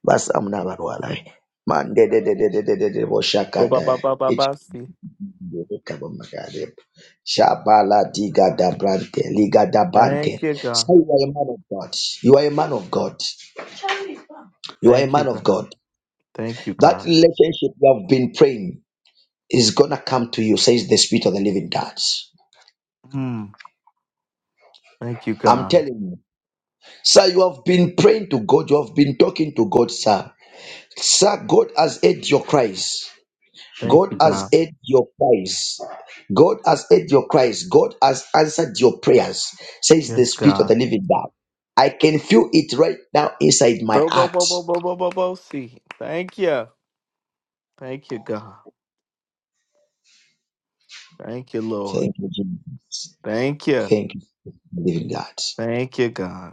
S1: Basa mnabarwalai.
S6: Ba, ba,
S1: Mandedededededededeboshakata.
S6: ba, ba, ba, see.
S1: Ichikabamagade. Shabala diga dabrante, liga
S6: Thank
S1: dabante.
S6: you, God.
S1: So you are a man of God. You are a man of God. You are a
S6: Thank you,
S1: man of
S6: God.
S1: God.
S6: Thank you,
S1: That
S6: God.
S1: relationship you have been praying is gonna come to you, says the Spirit of the Living God.
S6: Mm. Thank you,
S1: I'm
S6: God.
S1: telling you, sir. You have been praying to God. You have been talking to God, sir. Sir, God has heard your cries.
S6: Thank
S1: God
S6: you,
S1: has
S6: God.
S1: heard your cries. God has heard your cries. God has answered your prayers, says the
S6: Yes,
S1: Spirit of the
S6: God.
S1: Living God. I can feel it right now inside my
S6: Bo, bo,
S1: heart.
S6: bo, bo, bo, bo, bo, bo, see. Thank you. Thank you, God. Thank you, Lord.
S1: Thank you, Jesus.
S6: Thank you.
S1: Thank you, Living God.
S6: Thank you, God.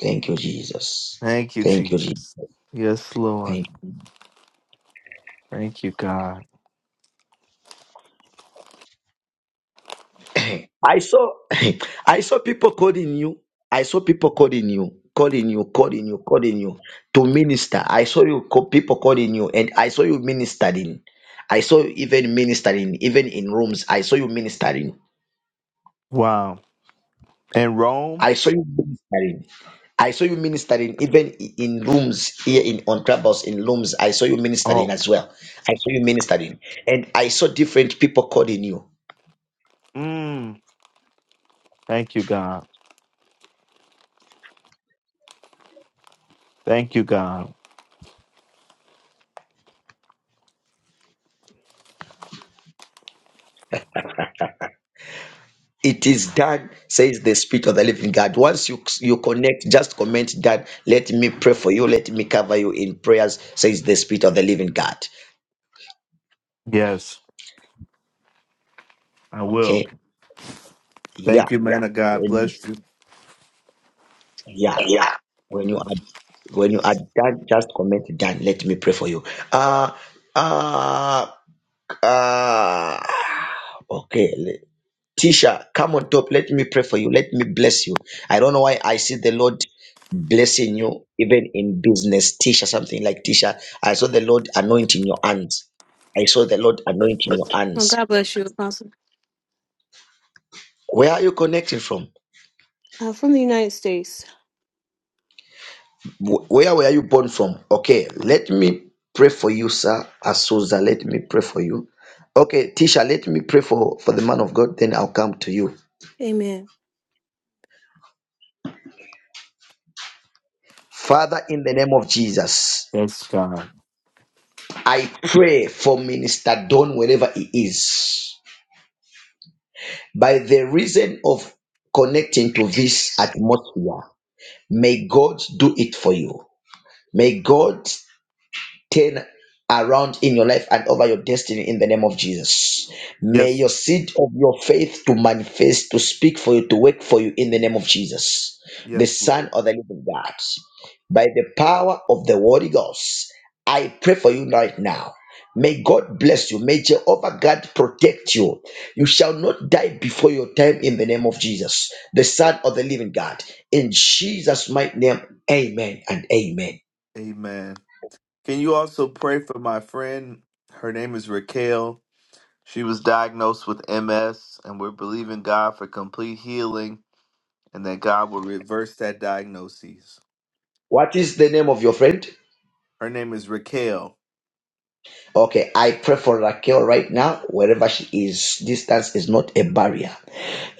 S1: Thank you, Jesus.
S6: Thank you,
S1: Thank you, Jesus.
S6: Jesus. Yes, Lord. Thank you, God.
S1: I saw I saw people calling you. I saw people calling you, calling you, calling you, calling you to minister. I saw you co- people calling you, and I saw you ministering. I saw you even ministering, even in rooms. I saw you ministering.
S6: Wow. And Rome?
S1: I saw you ministering. I saw you ministering even i- in rooms here in on Clubhouse in rooms. I saw you ministering
S6: Oh,
S1: as well. I saw you ministering, and I saw different people calling you.
S6: mm, thank you, God. Thank you, God.
S1: It is done, says the Spirit of the Living God. Once you you connect, just comment that. Let me pray for you. Let me cover you in prayers, says the Spirit of the Living God.
S6: Yes, I will.
S1: Okay, yeah,
S6: Thank you, man of God.
S1: when
S6: Bless you.
S1: yeah,
S6: Yeah.
S1: when you are when you are done, just comment done. Let me pray for you. Uh uh uh. Okay, Tisha, come on top. Let me pray for you. Let me bless you. I don't know why I see the Lord blessing you, even in business. Tisha, something like Tisha. I saw the Lord anointing your hands. I saw the Lord anointing your
S7: Oh,
S1: hands.
S7: God bless you, Apostle.
S1: Where are you connected from?
S7: Uh, from the United States.
S1: Wh- Where were you born from? Okay, let me pray for you, sir. Azusa, let me pray for you. Okay, Tisha, let me pray for, for the man of God, then I'll come to you.
S7: Amen.
S1: Father, in the name of Jesus.
S6: Yes, God.
S1: I pray for Minister Don wherever he is. By the reason of connecting to this atmosphere, may God do it for you. May God turn around in your life and over your destiny in the name of Jesus. May
S6: Yes,
S1: your seed of your faith to manifest, to speak for you, to work for you in the name of Jesus, the
S6: yes. Lord.
S1: Son of the Living God. By the power of the Holy Ghost, I pray for you right now. May God bless you. May Jehovah God protect you. You shall not die before your time in the name of Jesus, the Son of the Living God. In Jesus' mighty name, amen and amen.
S6: Amen. Can you also pray for my friend? Her name is Raquel. She was diagnosed with MS, and we're believing God for complete healing and that God will reverse that diagnosis.
S1: What is the name of your friend?
S6: Her name is Raquel.
S1: Okay, I pray for Raquel right now, wherever she is. Distance is not a barrier.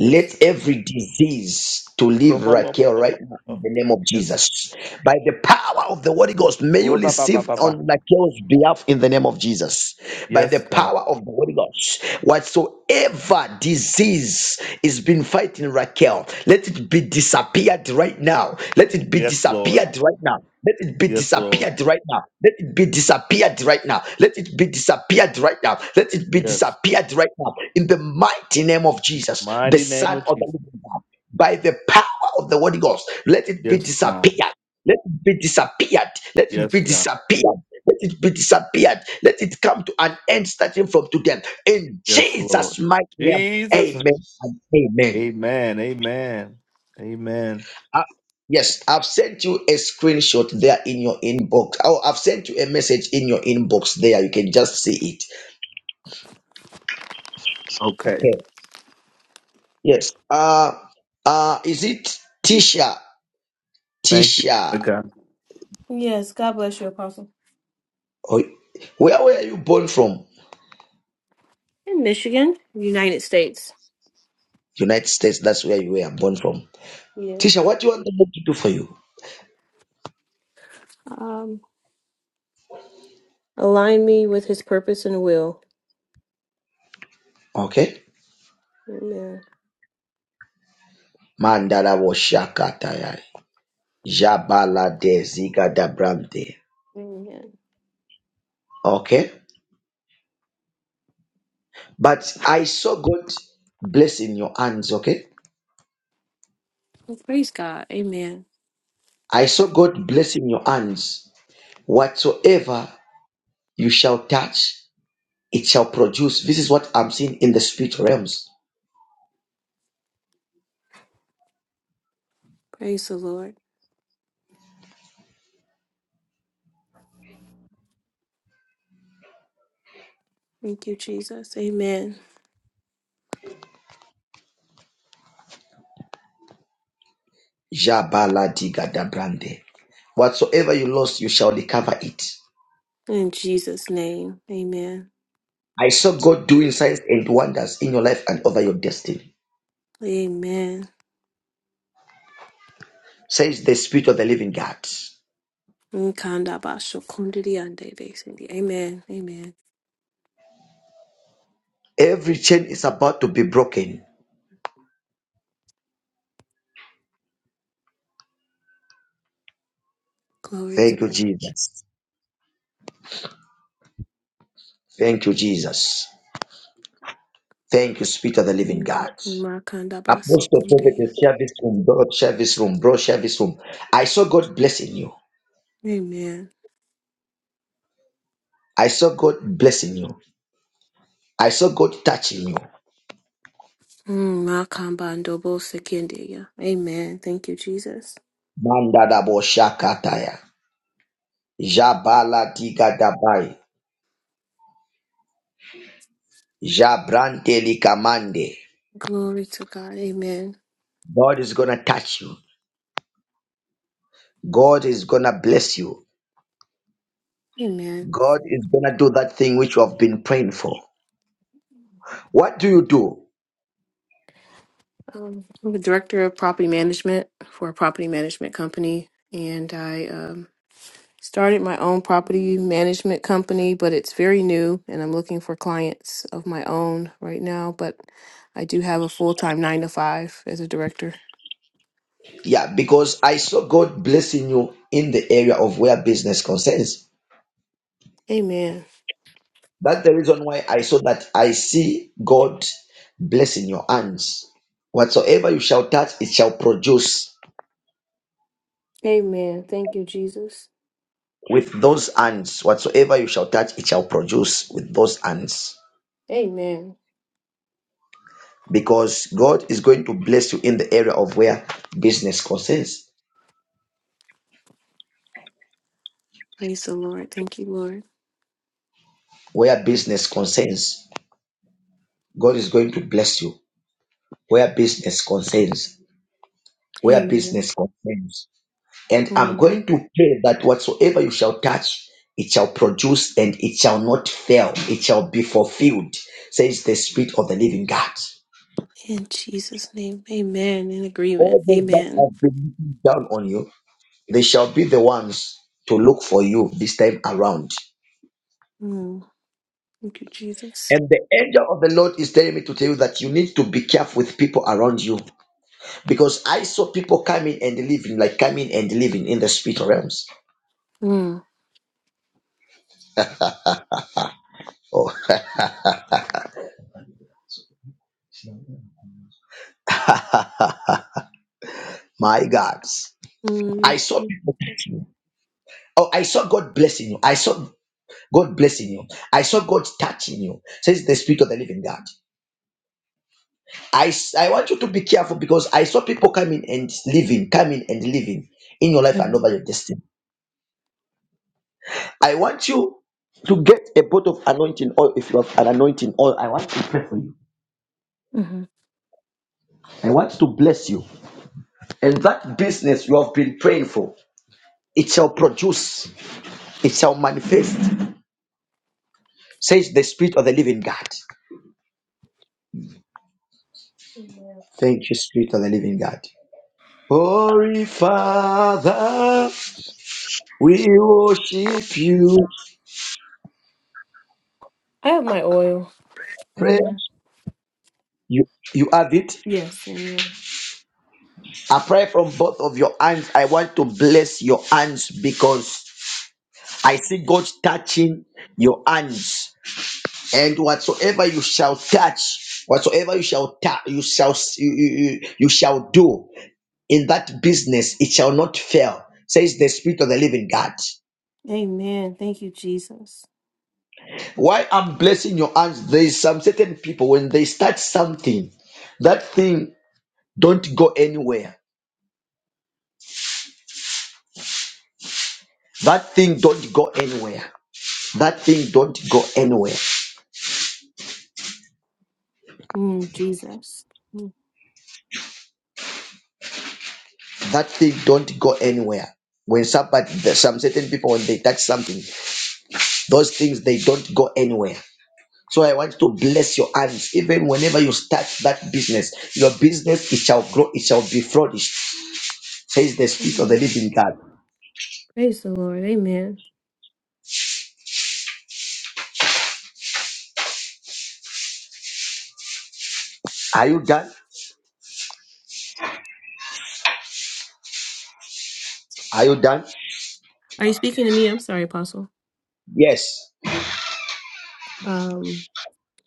S6: Yes.
S1: every disease to leave Raquel right now in
S6: Kro-bo-bo-bo-bo-bo.
S1: the name of
S6: Yes.
S1: Jesus. By the power of the Holy Ghost, may you receive
S6: Wo-ba-ba-ba-ba-ba.
S1: on Raquel's behalf in the name of Jesus. By the
S6: Yes, God.
S1: power of the Holy Ghost, whatsoever disease is been fighting Raquel, let it be disappeared right now. Let it be
S6: Yes, Lord.
S1: disappeared right now. Let it be
S6: Yes, Lord.
S1: disappeared right now. Let it be disappeared right now. Let it be disappeared right now. Let it be
S6: Yes.
S1: disappeared right now. In the mighty name of Jesus, the
S6: Mighty name
S1: Son
S6: of
S1: of the
S6: Jesus.
S1: Living God, by the power of the Holy Ghost, let it be
S6: Yes, God.
S1: disappeared. Let it be disappeared. Let it
S6: Yes,
S1: be
S6: God.
S1: disappeared. Let it be disappeared. Let it come to an end starting from today. In
S6: Yes, Lord.
S1: Jesus' mighty name,
S6: Jesus. name.
S1: amen and amen.
S6: Amen. Amen. Amen.
S1: I- yes, I've sent you a screenshot there in your inbox. Oh, I've sent you a message in your inbox there. You can just see it.
S6: Okay.
S1: Okay. Yes. Uh, uh, is it Tisha?
S6: Thank you. Lord
S1: Tisha.
S6: God.
S7: Yes, God bless you, Apostle.
S1: Oh, where were you born from?
S7: In Michigan, United States.
S1: United States. That's where you were born from.
S7: Yes.
S1: Tisha, what do you want me to do for you?
S7: Um, align me with His purpose and will.
S1: Okay.
S7: Amen.
S1: Mandala Woshakataya. Jabala de Ziga da Brande.
S7: Amen.
S1: Okay. But I saw God blessing your hands. Okay.
S7: Well, praise God. Amen.
S1: I saw God blessing your hands. Whatsoever you shall touch, it shall produce. This is what I'm seeing in the spirit realms.
S7: Praise the Lord. Thank you, Jesus. Amen.
S1: Jabaladiga Whatsoever you lost, you shall recover it.
S7: In Jesus' name. Amen.
S1: I saw God doing signs and wonders in your life and over your destiny.
S7: Amen.
S1: Says the spirit of the living God.
S7: Nkanda basho kundiri ande besindi. Amen. Amen.
S1: Every chain is about to be broken.
S7: Glory to
S1: Thank you,
S7: God.
S1: Jesus. Thank you, Jesus. Thank you, Spirit of the Living
S7: Mm.
S1: God.
S7: Makanda baso
S1: Apostle, prophet,
S7: kundiri
S1: and
S7: ande.
S1: share this room. God, share this room. Bro, share this room. I saw God blessing you.
S7: Amen.
S1: I saw God blessing you. I saw God touching you.
S7: Mm, Makambandobo Sekendia. Amen. Thank you, Jesus.
S1: Mandadabo shakataya. Jabala digadabai. Jabranteli kamande.
S7: Glory to God. Amen.
S1: God is gonna touch you. God is gonna bless you.
S7: Amen.
S1: God is gonna do that thing which you have been praying for. What do you do?
S7: Um, I'm the director of property management for a property management company, and I um, started my own property management company, but it's very new, and I'm looking for clients of my own right now. But I do have a full time nine to five as a director.
S1: Yeah, because I saw God blessing you in the area of where business concerns.
S7: Amen.
S1: That's the reason why I saw that I see God blessing your hands. Whatsoever you shall touch, it shall produce
S7: Amen. Thank you, Jesus.
S1: with those hands. Whatsoever you shall touch, it shall produce with those hands.
S7: Amen.
S1: Because God is going to bless you in the area of where business concerns.
S7: Praise the Lord. Thank you, Lord.
S1: Where business concerns, God is going to bless you. Where business concerns, where
S7: Amen.
S1: business concerns. And I'm
S7: Um,
S1: going to pray that whatsoever you shall touch, it shall produce and it shall not fail. It shall be fulfilled, says the Spirit of the living God.
S7: in Jesus' name, amen. In agreement,
S1: All those that
S7: amen.
S1: have been looking down on you, they shall be the ones to look for you this time around.
S7: Mm, thank you, Jesus.
S1: And the angel of the Lord is telling me to tell you that you need to be careful with people around you. Because I saw people coming and leaving, like coming and leaving in the spirit realms.
S7: Mm,
S1: Oh my God.
S7: mm,
S1: I saw people touching. Oh, I saw God blessing you. I saw God blessing you. I saw God touching you, says the Spirit of the Living God. I, s- I want you to be careful because I saw people coming and leaving, coming and leaving in your life and
S7: Mhm,
S1: over your destiny. I want you to get a bottle of anointing oil if you have an anointing oil. I want to pray for you.
S7: mhm.
S1: I want to bless you. And that business you have been praying for, it shall produce, it shall manifest, says the Spirit of the Living God.
S7: Amen.
S1: Thank you, Spirit of the Living God. Holy Father, we worship you.
S7: I have my oil.
S1: Pray.
S7: Amen.
S1: You, you have it.
S7: Yes, amen.
S1: I pray from both of your hands. I want to bless your hands because I see God touching your hands. And whatsoever you shall touch, whatsoever you shall touch, you shall you, you, you you shall do in that business, it shall not fail, says the Spirit of the Living God.
S7: Amen. Thank you, Jesus.
S1: Why I'm blessing your hands, there is some certain people when they start something, that thing don't go anywhere. That thing don't go anywhere. That thing don't go anywhere.
S7: Mm, Jesus. Mm,
S1: That thing don't go anywhere. When somebody, there's some certain people when they touch something, those things they don't go anywhere. So I want to bless your hands. Even whenever you start that business, your business it shall grow, it shall be flourished, says the spirit of the
S7: amen.
S1: living God.
S7: Praise the Lord, amen.
S1: Are you done? Are you done?
S7: Are you speaking to me? I'm sorry, Apostle.
S1: Yes.
S7: Um,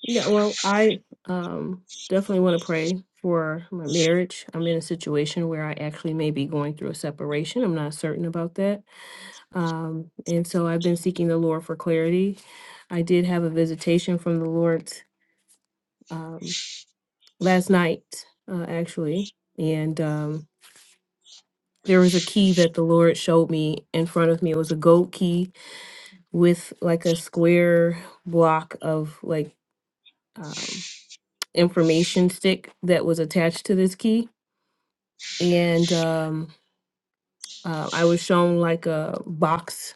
S7: Yeah, well, I um definitely want to pray for my marriage. I'm in a situation where I actually may be going through a separation. I'm not certain about that. Um, and so I've been seeking the Lord for clarity. I did have a visitation from the Lord um last night, uh, actually, and um there was a key that the Lord showed me in front of me. It was a gold key with like a square block of like um information stick that was attached to this key and um, uh, I was shown like a box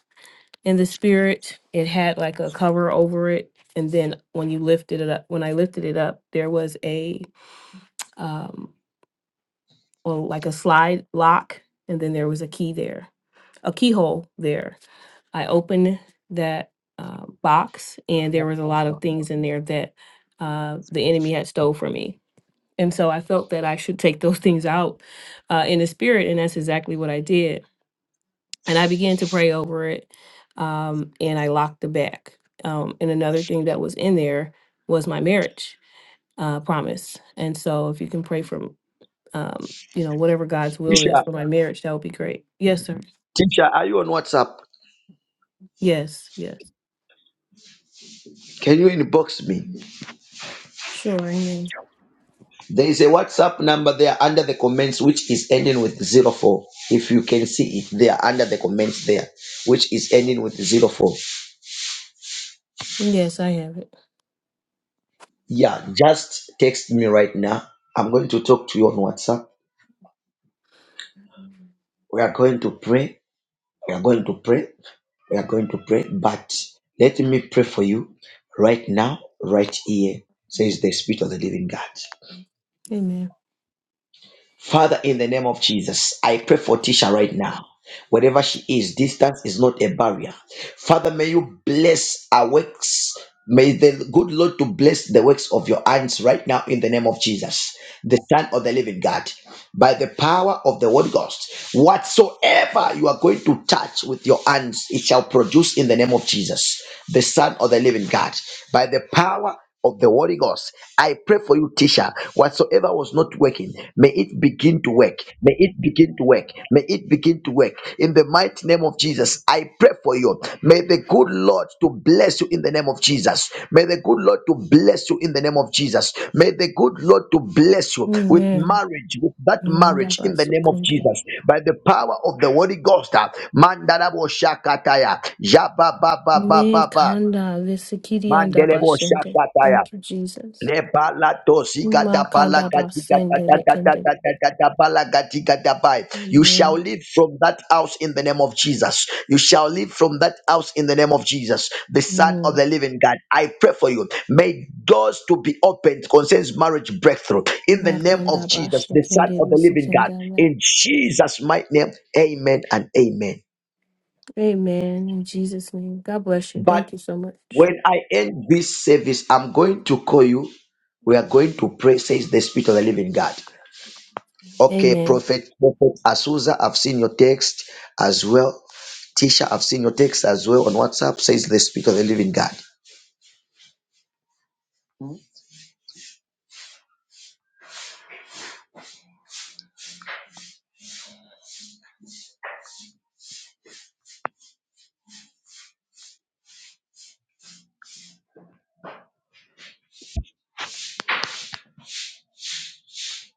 S7: in the spirit. It had like a cover over it, and then when you lifted it up, when I lifted it up, there was a um, well, like a slide lock, and then there was a key there, a keyhole there. I opened that uh, box, and there was a lot of things in there that uh, the enemy had stole from me. And so I felt that I should take those things out uh, in the spirit, and that's exactly what I did and I began to pray over it, um, and I locked the back. Um, and another thing that was in there was my marriage uh, promise. And so, if you can pray for, um, you know, whatever God's will is
S1: Tisha,
S7: for my marriage, that would be great. Yes, sir.
S1: Teacher, are you on WhatsApp?
S7: Yes, yes.
S1: Can you inbox me?
S7: Sure. Amen.
S1: There is a WhatsApp number there under the comments, which is ending with zero four. If you can see it there under the comments there, which is ending with zero four.
S7: Yes, I have it.
S1: Yeah, just text me right now. I'm going to talk to you on WhatsApp. We are going to pray. We are going to pray. We are going to pray. But let me pray for you right now, right here, says the Spirit of the Living God.
S7: Amen.
S1: Father, in the name of Jesus, I pray for Tisha right now. Wherever she is, distance is not a barrier. Father, may you bless our works. May the good Lord to bless the works of your hands right now in the name of Jesus, the Son of the Living God, by the power of the Holy Ghost. Whatsoever you are going to touch with your hands, it shall produce in the name of Jesus, the Son of the Living God, by the power of the Holy Ghost. I pray for you, teacher. Whatsoever was not working, may it begin to work. May it begin to work. May it begin to work. In the mighty name of Jesus, I pray for you. May the good Lord to bless you in the name of Jesus. May the good Lord to bless you in the name of Jesus. May the good Lord to bless you with
S7: Amen.
S1: marriage, with that
S7: Manda
S1: marriage in the name of
S7: basokunde.
S1: Jesus. By the power of the Holy Ghost. ah, Mandarabo Shakataya.
S7: Me
S1: Jabababababa.
S7: kanda lesikiri anda
S1: Mandelebo
S7: bashende.
S1: Shakataya.
S7: Thank you, Jesus. Ma kanda basende lekende.
S1: Lebalatosikatabalagatikatatatatatatatatabalagatigataba. You shall
S7: Amen.
S1: live from that house in the name of Jesus. You shall live from that house in the name of Jesus, the Son of the Living God. I pray for you. May doors to be opened concerns marriage breakthrough in the name of
S7: Makandaba
S1: Jesus, the Son
S7: shekende
S1: of the Living God.
S7: bisikendaya.
S1: In Jesus' mighty name, amen and amen.
S7: Amen. In Jesus' name. God bless you.
S1: But
S7: Thank you so much.
S1: when I end this service, I'm going to call you. We are going to pray, says the Spirit of the Living God. Okay,
S7: Amen.
S1: Prophet, Prophet Asusa, I've seen your text as well. Tisha, I've seen your text as well on WhatsApp. Says the Spirit of the Living God.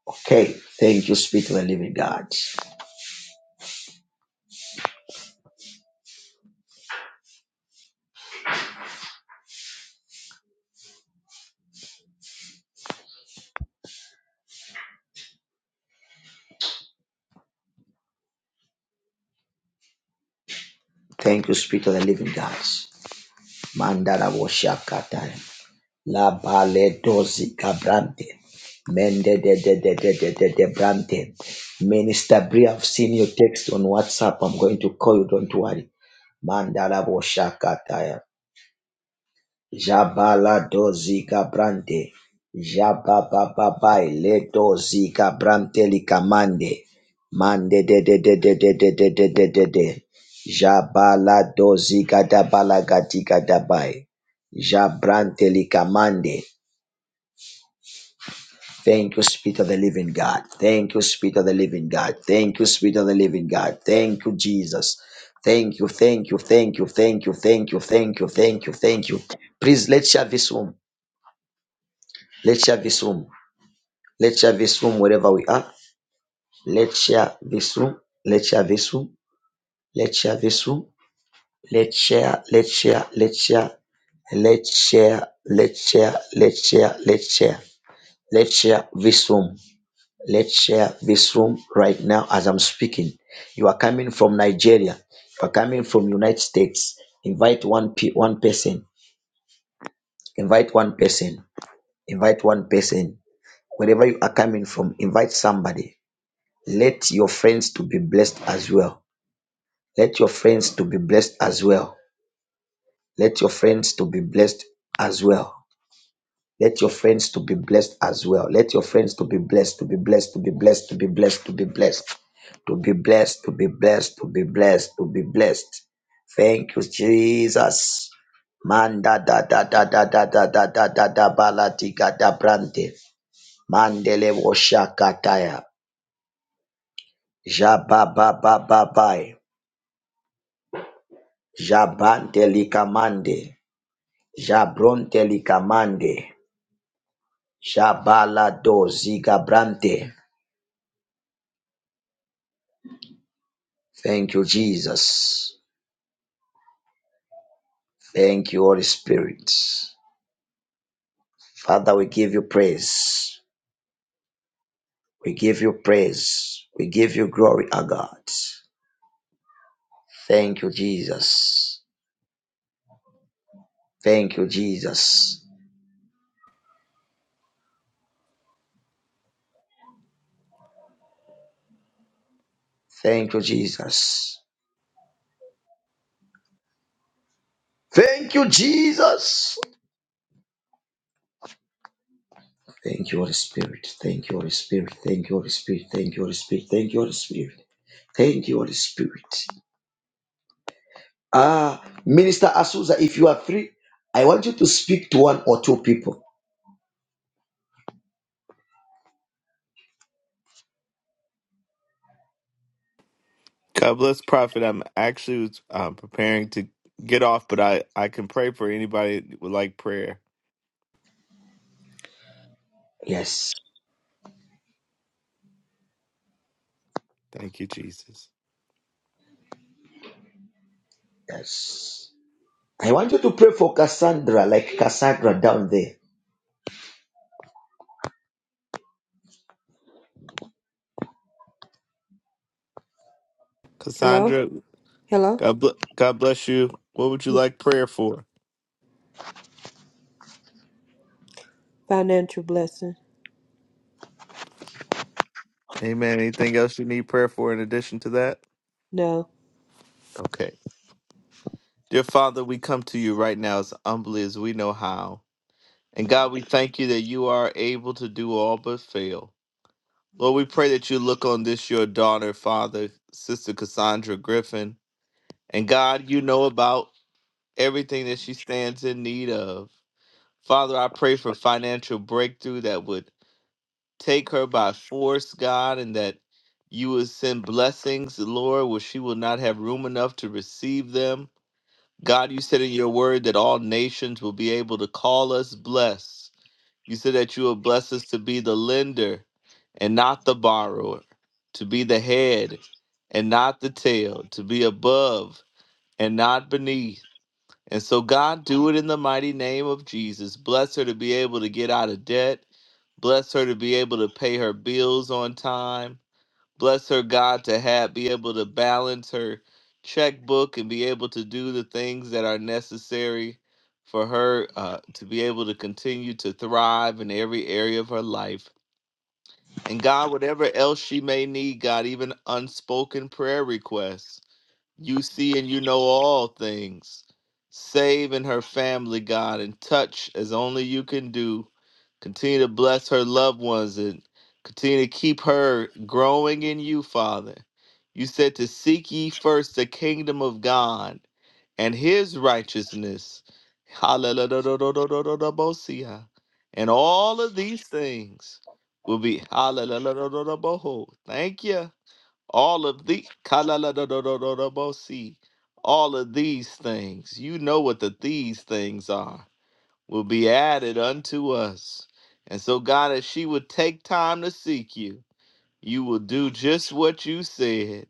S1: Okay, thank you, Spirit of the Living God. Thank you, Spirit of the Living God. Mandara woshakata. La bale dozi gabrante. Mende de de de de de de de brante. Minister Bri, I've seen your text on WhatsApp. I'm going to call you. Don't worry. Mandala Jabala Jabaladozika brante. Jabababai ledozika brante likamande. Mande de de de de de de de de de de de. Jabala Jabaladozika dabalagatika dabai. Jabrante likamande. Thank you, Spirit of the Living God. Thank you, Spirit of the Living God. Thank you, Spirit of the Living God. Thank you, Jesus. Thank you, thank you, thank you, thank you, thank you, thank you, thank you, thank you. Please let's share this room. Let's share this room. Let's share this room wherever we are. Let's share this room. Let's share this room. Let's share this room. Let's share. Let's share. Let's share. Let's share. Let's share. Let's share. Let's share. Let's share this room. Let's share this room right now as I'm speaking. You are coming from Nigeria. You are coming from United States. Invite one pe- one person. Invite one person. Invite one person. Wherever you are coming from, invite somebody Let your friends to be blessed as well. Let your friends to be blessed as well. Let your friends to be blessed as well. Let your friends to be blessed as well. Let your friends to be blessed, to be blessed, to be blessed, to be blessed, to be blessed, to be blessed, to be blessed, to be blessed, to be blessed. Thank you, Jesus. Manda da da da da da da da da da da baladiga da brante. Mandele woshakataya. Jabababababaya. Jabantelikamande, Jabrontelikamande, Jabalado Zigabrante. Thank you, Jesus. Thank you, Holy Spirit. Father, we give you praise. We give you praise. We give you glory, our God. Thank you, Jesus. Thank you, Jesus. Thank you, Jesus. Thank you, Jesus. Thank you, Holy Spirit. Thank you, Holy Spirit. Thank you, Holy Spirit. Thank you, Holy Spirit. Thank you, Holy Spirit. Thank you, Holy Spirit. Ah, Minister Asusa, if you are free, I want you to speak to one or two people.
S6: God bless Prophet. I'm actually was, um, preparing to get off, but I, I can pray for anybody that would like prayer.
S1: Yes,
S6: Thank you, Jesus.
S1: yes. I want you to pray for Cassandra, like Cassandra down there.
S8: Hello?
S6: Cassandra,
S8: Hello?
S6: God, bl- God bless you. What would you like prayer for?
S8: Financial blessing.
S6: Amen. Anything else you need prayer for in addition to that?
S8: No.
S6: Okay. Dear Father, we come to you right now as humbly as we know how. And God, we thank you that you are able to do all but fail. Lord, we pray that you look on this, your daughter, Father, Sister Cassandra Griffin. And God, you know about everything that she stands in need of. Father, I pray for financial breakthrough that would take her by force, God, and that you will send blessings, Lord, where she will not have room enough to receive them. God, you said in your word that all nations will be able to call us blessed. You said that you will bless us to be the lender and not the borrower, to be the head and not the tail, to be above and not beneath and so, God, do it in the mighty name of Jesus. Bless her to be able to get out of debt. Bless her to be able to pay her bills on time. Bless her, God, to have be able to balance her checkbook and be able to do the things that are necessary for her uh, to be able to continue to thrive in every area of her life. And God, whatever else she may need, God, even unspoken prayer requests. You see and you know all things. Save in her family, God, and touch as only you can do. Continue to bless her loved ones and continue to keep her growing in you, Father. You said to seek ye first the kingdom of God and his righteousness. Hallelujah. And all of these things will be hallelujah. Thank you all of the Kalaladodododobosee, all of these things you know what the these things are will be added unto us and so god if she would take time to seek you you will do just what you said.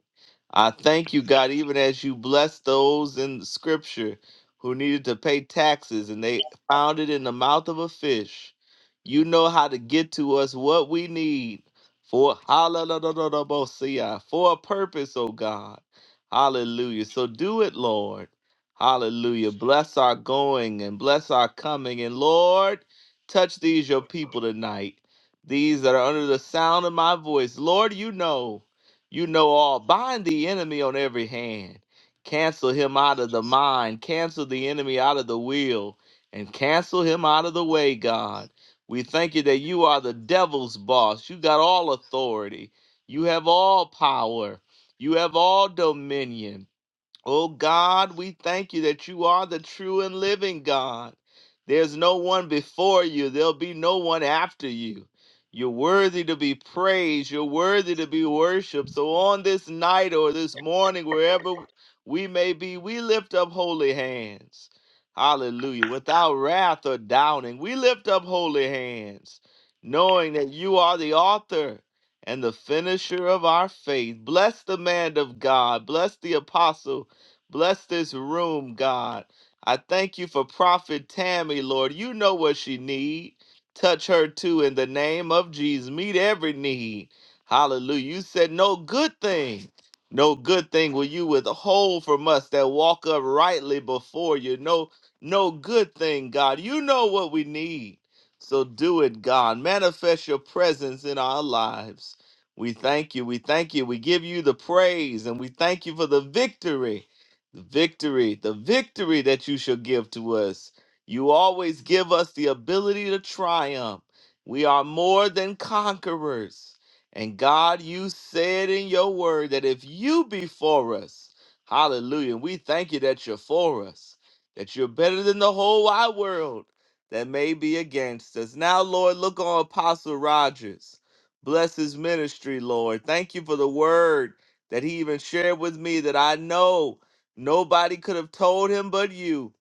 S6: I thank you, God, even as you blessed those in the scripture who needed to pay taxes and they found it in the mouth of a fish. You know how to get to us what we need for hallelujah, for a purpose, oh God. Hallelujah. So do it, Lord. Hallelujah. Bless our going and bless our coming. And Lord, touch these your people tonight these that are under the sound of my voice. Lord, you know, you know all. Bind the enemy on every hand. Cancel him out of the mind. Cancel the enemy out of the will. And cancel him out of the way, God. We thank you that you are the devil's boss. You got all authority. You have all power. You have all dominion. Oh God, we thank you that you are the true and living God. There's no one before you, there'll be no one after you. You're worthy to be praised, you're worthy to be worshiped. So on this night or this morning, wherever we may be, we lift up holy hands. Hallelujah. Without wrath or doubting, we lift up holy hands, knowing that you are the author and the finisher of our faith. Bless the man of God. Bless the apostle Bless this room, God. I thank you for Prophet Tammy, Lord. You know what she need. Touch her too in the name of Jesus. Meet every need. Hallelujah. You said no good thing. No good thing will you withhold from us that walk uprightly before you. No, no good thing, God. You know what we need. So do it, God. Manifest your presence in our lives. We thank you. We thank you. We give you the praise and we thank you for the victory. The victory, the victory that you shall give to us. You always give us the ability to triumph. We are more than conquerors. And God, you said in your word that if you be for us, hallelujah, we thank you that you're for us, that you're better than the whole wide world that may be against us. Now, Lord, look on Apostle Rogers. Bless his ministry, Lord. Thank you for the word that he even shared with me that I know. Nobody could have told him but you.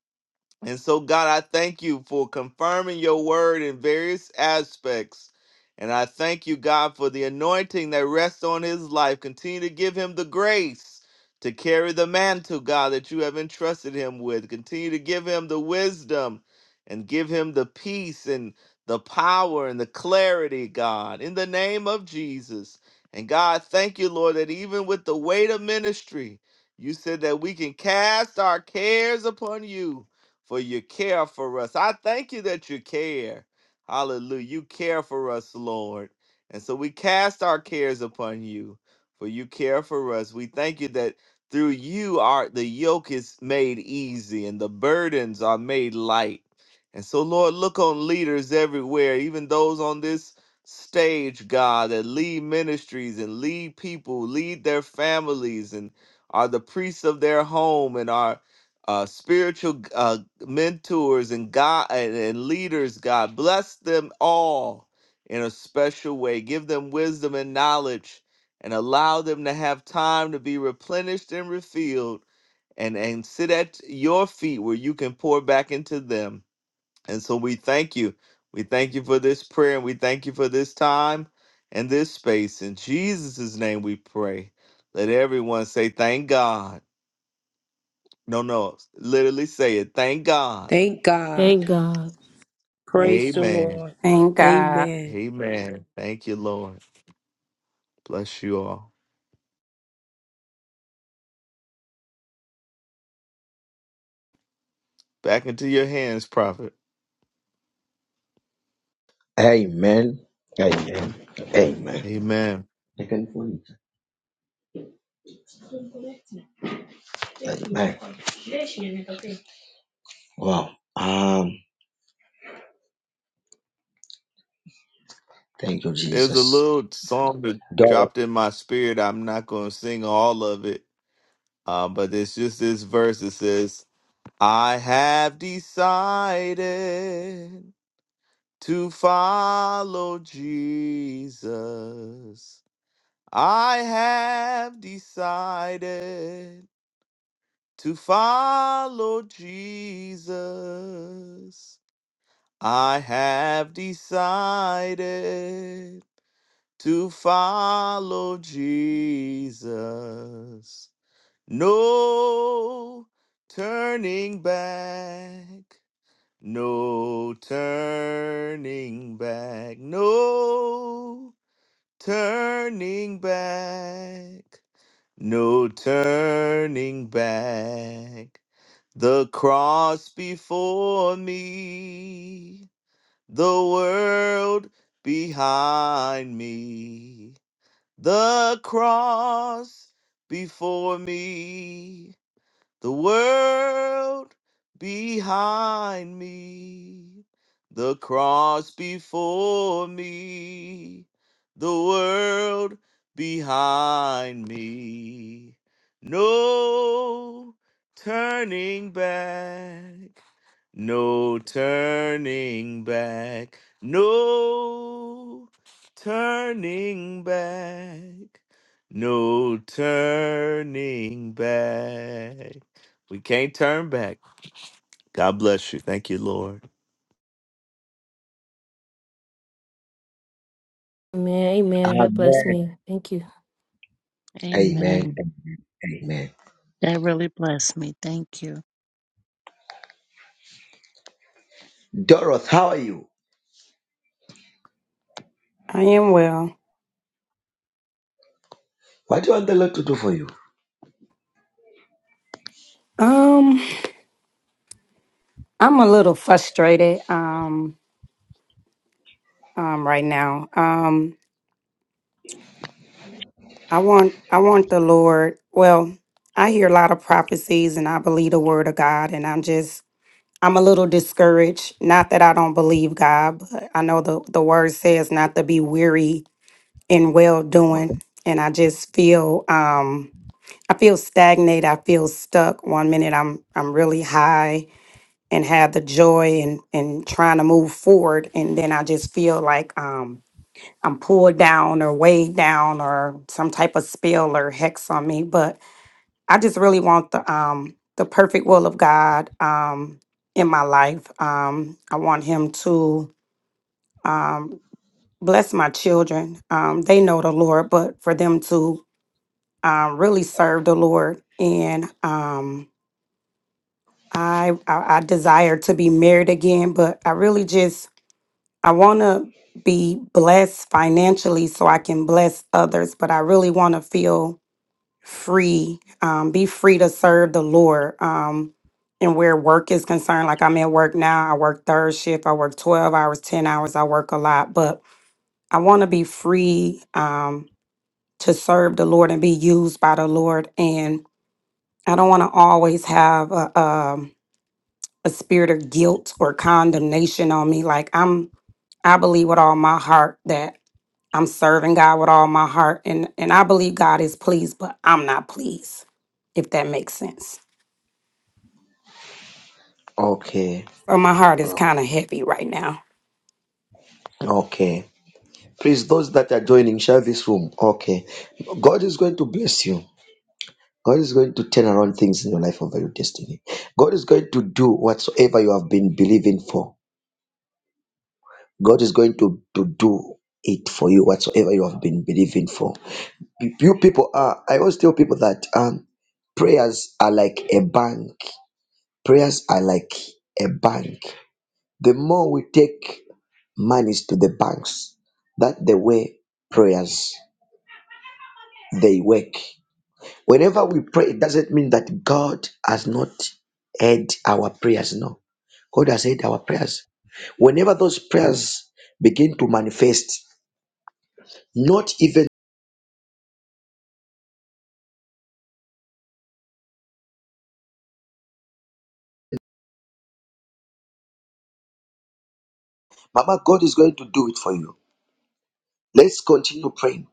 S6: And so, God, I thank you for confirming your word in various aspects. And I thank you, God, for the anointing that rests on his life. Continue to give him the grace to carry the mantle, God, that you have entrusted him with. Continue to give him the wisdom and give him the peace and the power and the clarity, God, in the name of Jesus. And God, thank you, Lord, that even with the weight of ministry, you said that we can cast our cares upon you for your care for us. I thank you that you care. Hallelujah. You care for us, Lord. And so we cast our cares upon you, for you care for us. We thank you that through you are the yoke is made easy and the burdens are made light. And so, Lord, look on leaders everywhere, even those on this stage, God, that lead ministries and lead people, lead their families, and are the priests of their home and are uh, spiritual uh mentors and God and, and leaders, God. Bless them all in a special way. Give them wisdom and knowledge and allow them to have time to be replenished and refilled and, and sit at your feet where you can pour back into them. And so we thank you. We thank you for this prayer and we thank you for this time and this space. In Jesus' name we pray. Let everyone say, Thank God. No, no, literally say it. Thank God.
S8: Thank
S7: Thank
S8: God.
S7: God.
S9: Thank
S8: Praise the
S9: God.
S6: Amen.
S8: Lord.
S10: Thank God.
S8: Amen.
S6: Amen. Thank you, Lord. Bless you all. Back into your hands, prophet.
S1: Amen. Amen. Amen.
S6: Amen.
S1: I can find it. Amen. Wow. Um. Thank you,
S6: There's a
S1: Jesus.
S6: little song that
S1: God.
S6: dropped in my spirit. I'm not going to sing all of it, uh, but it's just this verse that says, I have decided to follow Jesus. I have decided to follow Jesus. I have decided to follow Jesus. No turning back. No turning back. No turning back. No turning back. The cross before me the world behind me, the cross before me, the world behind me, the cross before me, the world behind me. No turning back, no turning back. No turning back. No turning back. We can't turn back. God bless you. Thank you, Lord.
S7: Amen. Amen. That blessed
S1: Amen.
S7: me. Thank you.
S1: Amen.
S9: Amen.
S1: Amen. Amen.
S9: That really blessed me. Thank you.
S1: Doroth, how are you?
S10: I am well.
S1: What do you want the Lord to do for you?
S10: Um, I'm a little frustrated um um right now. Um I want I want the Lord. Well, I hear a lot of prophecies and I believe the word of God and I'm just I'm a little discouraged. Not that I don't believe God, but I know the the word says not to be weary in well doing and I just feel um I feel stagnate. I feel stuck. One minute I'm I'm really high and have the joy and and trying to move forward and then i just feel like um i'm pulled down or weighed down or some type of spell or hex on me but i just really want the um the perfect will of god um in my life um i want him to um bless my children um they know the lord but for them to um really serve the lord and um I, I I desire to be married again, but I really just I want to be blessed financially so I can bless others, but I really want to feel free, um, be free to serve the Lord. Um, and where work is concerned, like I'm at work now, I work third shift, I work 12 hours, 10 hours, I work a lot, but I want to be free um, to serve the Lord and be used by the Lord. And I don't want to always have a, um a spirit of guilt or condemnation on me. Like I'm I believe with all my heart that I'm serving God with all my heart and and I believe God is pleased, but I'm not pleased, if that makes sense.
S1: Okay.
S10: So my heart is
S1: Okay.
S10: kind of heavy right now.
S1: Okay. Please, those that are joining, share this room. Okay. God is going to bless you. God is going to turn around things in your life over your destiny. God is going to do whatsoever you have been believing for. God is going to, to do it for you, whatsoever you have been believing for. You people are, I always tell people that um, prayers are like a bank. Prayers are like a bank. The more we take monies to the banks, that the way prayers they work. Whenever we pray, it doesn't mean that God has not heard our prayers. No, God has heard our prayers. Whenever those prayers begin to manifest, not even Mama, God is going to do it for you. Let's continue praying.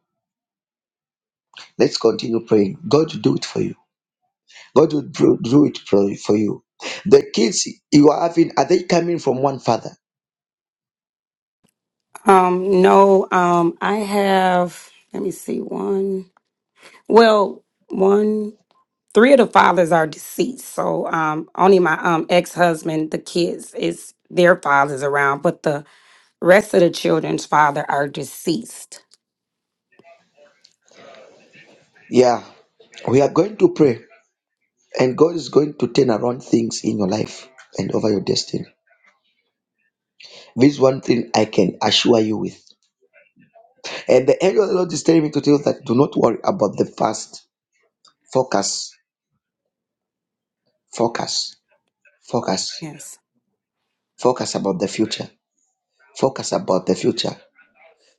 S1: Let's continue praying. God will do it for you. God will do, do it for, for you. The kids you are having, are they coming from one father?
S10: Um no, um I have let me see one. Well, one three of the fathers are deceased. So um only my um ex-husband, the kids is their fathers around, but the rest of the children's father are deceased.
S1: Yeah. We are going to pray, and God is going to turn around things in your life and over your destiny. This is one thing I can assure you with. And the angel of the Lord is telling me to tell you that do not worry about the past. Focus, focus, focus,
S10: Yes.
S1: focus about the future. Focus about the future.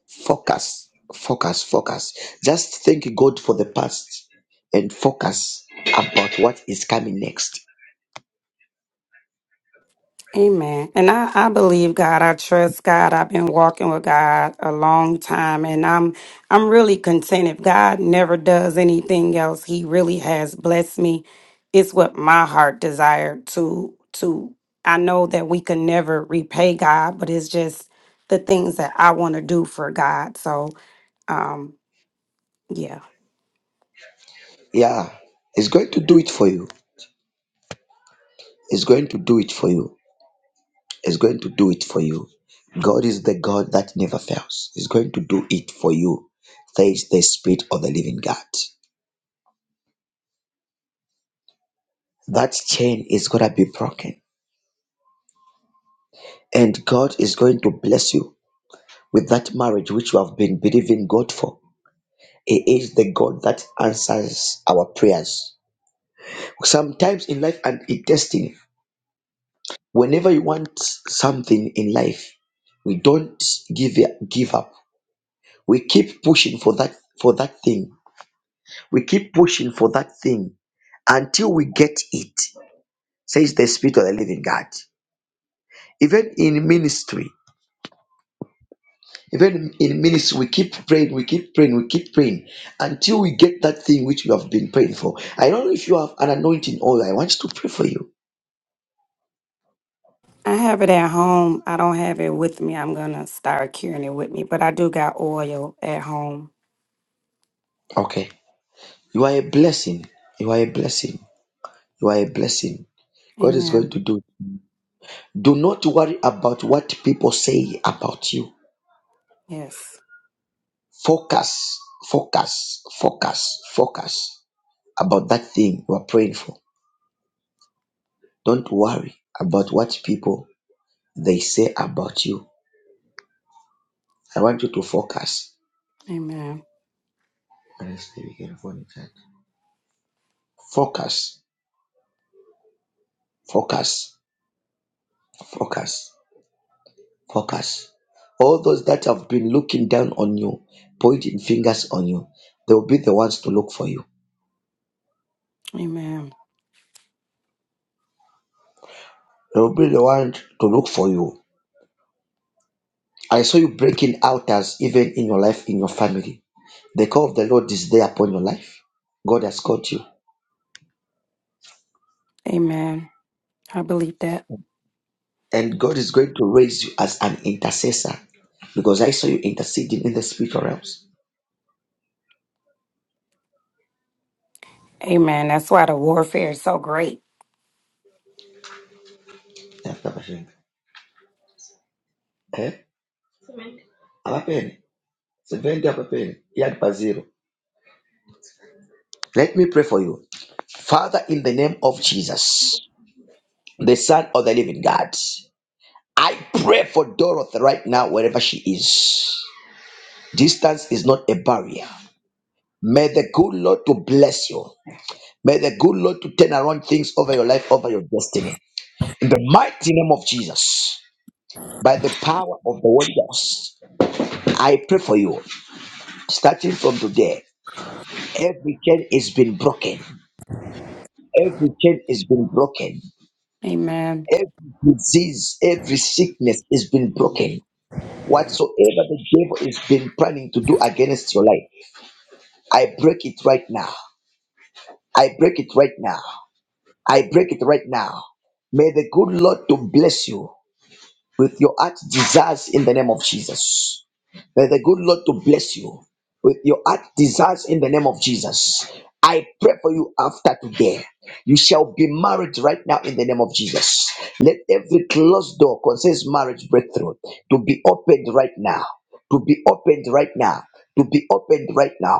S1: Focus, focus, focus. Just thank God for the past and focus about what is coming next.
S10: Amen. And I, I believe God. I trust God. I've been walking with God a long time and I'm I'm really content. If God never does anything else, He really has blessed me. It's what my heart desired to to I know that we can never repay God, but it's just the things that I want to do for God. So um yeah.
S1: Yeah, it's going to do it for you. It's going to do it for you. It's going to do it for you. God is the God that never fails. He's going to do it for you. There is the spirit of the living God. That chain is going to be broken. And God is going to bless you with that marriage which you have been believing God for. He is the God that answers our prayers. Sometimes in life and in destiny, whenever you want something in life, we don't give give up. We keep pushing for that for that thing. We keep pushing for that thing until we get it. Says the Spirit of the Living God. Even in ministry, even in ministry, we keep praying, we keep praying, we keep praying until we get that thing which we have been praying for. I don't know if you have an anointing oil. I want to pray for you.
S10: I have it at home. I don't have it with me. I'm gonna start carrying it with me, but I do got oil at home.
S1: Okay. You are a blessing. You are a blessing. You are a blessing. God is going
S10: Amen.
S1: to do. Do not worry about what people say about you.
S10: Yes.
S1: Focus, focus, focus, focus about that thing you are praying for. Don't worry about what people they say about you. I want you to focus.
S10: Amen.
S1: Let's see, we can phone it out. Focus, focus, focus, focus. All those that have been looking down on you, pointing fingers on you, they will be the ones to look for you.
S10: Amen.
S1: They'll be the one to look for you. I saw you breaking altars even in your life, in your family. The call of the Lord is there upon your life. God has called you.
S10: Amen. I believe that.
S1: And God is going to raise you as an intercessor because I saw you interceding in the spiritual realms.
S10: Amen. That's why the warfare is so great.
S1: Eh? Abapeni. Sebendi abapeni. Yad baziro. Let me pray for you. Father, in the name of Jesus, the Son of the Living God, I pray for Dorothy right now, wherever she is. Distance is not a barrier. May the good Lord to bless you. May the good Lord to turn around things over your life, over your destiny. In the mighty name of Jesus, by the power of the Holy Ghost, I pray for you. Starting from today, every chain is been broken. Every chain is been broken.
S10: Amen.
S1: Every disease, every sickness is been broken. Whatsoever the devil has been planning to do against your life, I break it right now. I break it right now. I break it right now. May the good Lord to bless you with your heart desires in the name of Jesus. May the good Lord to bless you with your heart desires in the name of Jesus. I pray for you after today. You shall be married right now in the name of Jesus. Let every closed door concerns marriage breakthrough to be opened right now. To be opened right now. To be opened right now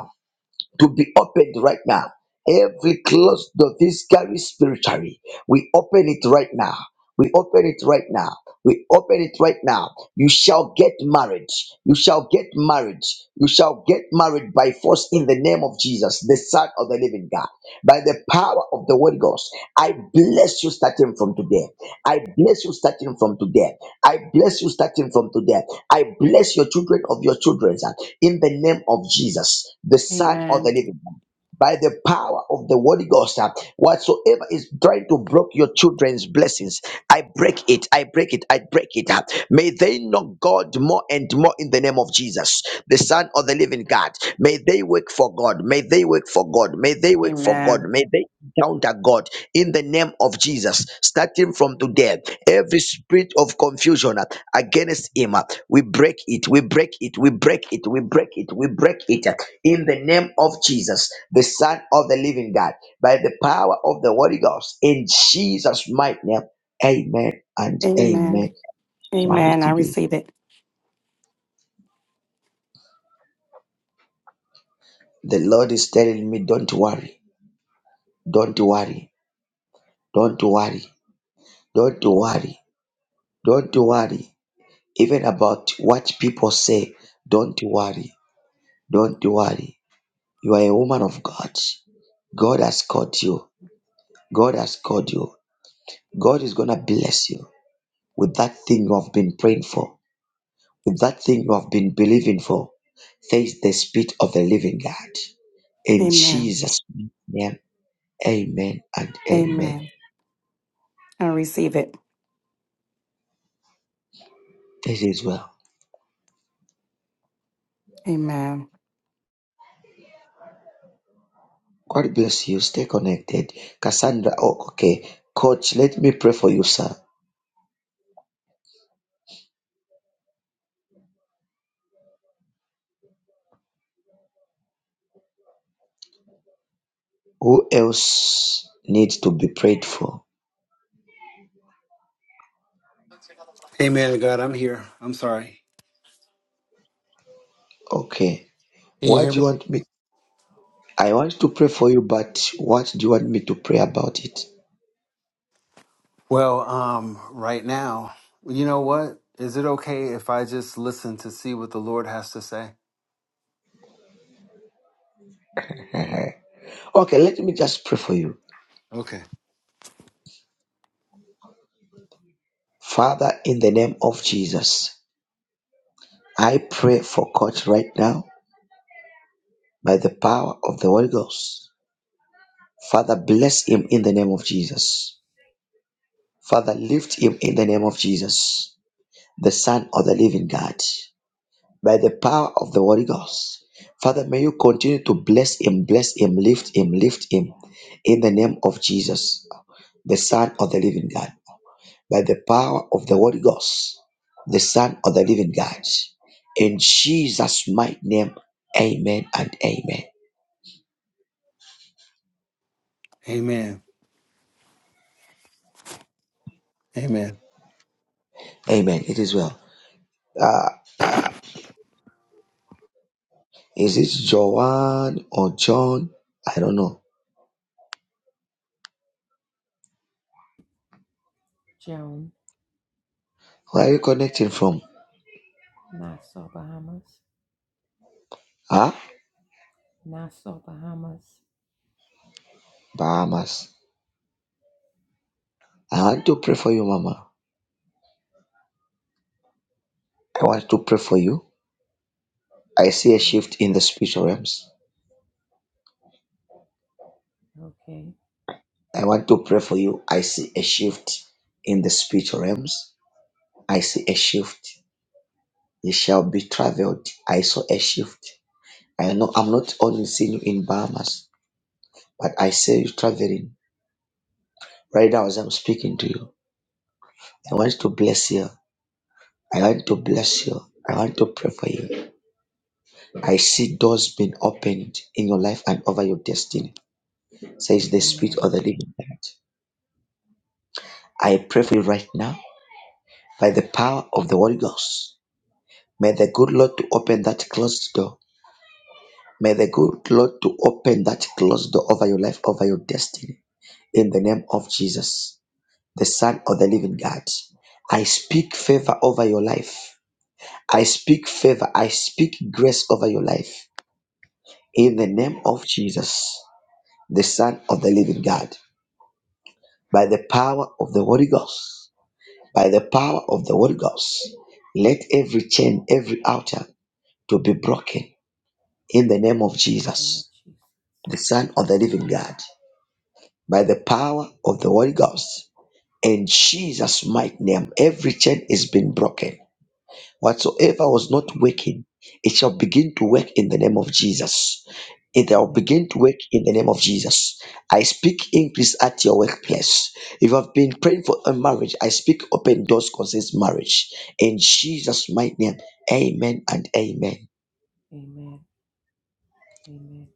S1: to be opened right now. Every closed door, this carry spiritually. We open it right now. We open it right now. We open it right now. You shall get married. You shall get married. You shall get married by force in the name of Jesus, the Son of the Living God. By the power of the Holy Ghost, I bless you starting from today. I bless you starting from today. I bless you starting from today. I bless your children of your children in the name of Jesus, the Son of the
S10: Amen.
S1: Living by the power of the Holy Ghost. uh, Whatsoever is trying to block your children's blessings, I break it, I break it, I break it. uh. May they know God more and more in the name of Jesus, the Son of the living God. May they work for God, may they work for God, may they work for God,
S10: Amen.
S1: may they encounter God in the name of Jesus. Starting from today, every spirit of confusion uh, against him, uh, we break it, we break it, we break it, we break it, we break it. uh in the name of Jesus, the Son of the Living God, by the power of the Holy Ghost, in Jesus' mighty name. Amen and
S10: Amen.
S1: amen. Shall it
S10: Amen. I
S1: be?
S10: receive it.
S1: The Lord is telling me, don't worry, don't worry, don't worry, don't worry, don't worry. Even about what people say, don't worry, don't worry. You are a woman of God. God has called you. God has called you. God is going to bless you with that thing you have been praying for. with That thing you have been believing for, says the Spirit of the living God. In
S10: Amen.
S1: Jesus' name, amen and amen.
S10: Amen. I receive it.
S1: This is well.
S10: Amen.
S1: God bless you. Stay connected. Cassandra, oh, okay. Coach, let me pray for you, sir. Who else needs to be prayed for?
S11: Hey man of God, I'm here. I'm sorry.
S1: Okay.
S11: Can you
S1: What
S11: hear
S1: do
S11: me?
S1: you want me? I want to pray for you, but what do you want me to pray about it?
S11: Well, um, right now, you know what? Is it okay if I just listen to see what the Lord has to say?
S1: okay, let me just pray for you.
S11: Okay.
S1: Father, in the name of Jesus. I pray for Coach right now by the power of the Holy Ghost. Father, bless him in the name of Jesus. Father, lift him in the name of Jesus, the Son of the living God, by the power of the Holy Ghost. Father, may you continue to bless him, bless him, lift him, lift him in the name of Jesus, the Son of the living God, by the power of the Holy Ghost, the Son of the living God. In Jesus' mighty name, amen and amen.
S11: Amen. Amen.
S1: Amen. It is well. Uh, is it Joanne or John? I don't know.
S12: Joan,
S1: Where are you connecting from?
S12: Nassau, Bahamas,
S1: Huh?
S12: Nassau, Bahamas.
S1: Bahamas. I want to pray for you, Mama. I want to pray for you. I see a
S12: Ah,
S1: shift in the spiritual realms.
S12: okay.
S1: I want to pray for you. I see a shift in the spiritual realms. I see a shift. You shall be traveled. I saw a shift. I know I'm not only seeing you in Bahamas, but I see you traveling right now as I'm speaking to you. I want to bless you. I want to bless you. I want to pray for you. I see doors being opened in your life and over your destiny, says the Spirit
S12: Amen.
S1: of the Living God. I pray for you right now by the power of the Holy Ghost. May the good Lord to open that closed door. May the good Lord to open that closed door over your life, over your destiny. In the name of Jesus, the Son of the Living God, I speak favor over your life. I speak favor. I speak grace over your life. In the
S12: Amen.
S1: name of Jesus. the Son of the Living God, by the power of the Holy Ghost, by the power of the Holy Ghost. Let every chain, every altar to be broken in the name of
S12: Name of
S1: Jesus,
S12: Jesus.
S1: the Son of the Living God, by the power of the Holy Ghost. In Jesus' mighty name, every chain is been broken Whatsoever was
S12: Amen.
S1: not working, it shall begin to work in the name of Jesus. It shall
S12: Amen.
S1: begin to work in the name of Jesus. I speak increase at your workplace. If you have been praying for a marriage, I speak open doors concerns marriage. In Jesus' mighty name, amen and amen.
S12: Amen. Amen.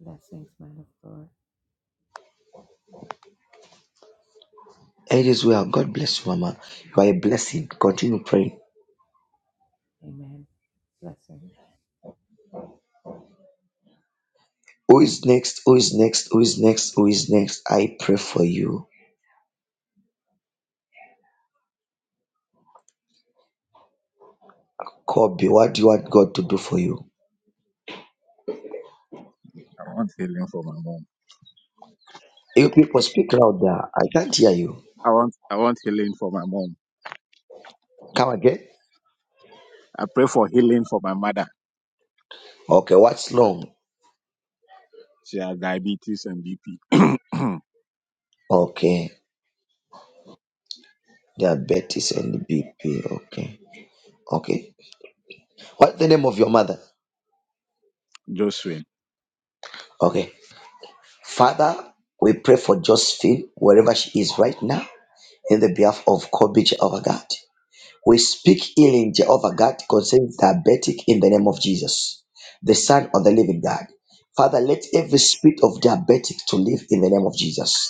S12: Blessings, man of God.
S1: It is well. God bless you, Mama. You are a blessing. Continue praying.
S12: Amen. Blessings.
S1: Who is next? Who is next? Who is next? Who is next? I pray for you. Kobe, what do you want God to do for you?
S13: I want healing for my mom.
S1: You people speak louder. I can't hear you.
S13: I want I want healing for my mom.
S1: Come again?
S13: I pray for healing for my mother.
S1: Okay, what's wrong?
S13: She has diabetes and BP.
S1: Okay, diabetes and BP. Okay, okay. What's the name of your mother?
S13: Josephine.
S1: Okay, Father, we pray for Josephine wherever she is right now in the behalf of Kobe Jehovah God. We speak healing Jehovah God concerning diabetic in the name of Jesus, the Son of the Living God. Father, let every spirit of diabetic to live in the name of Jesus.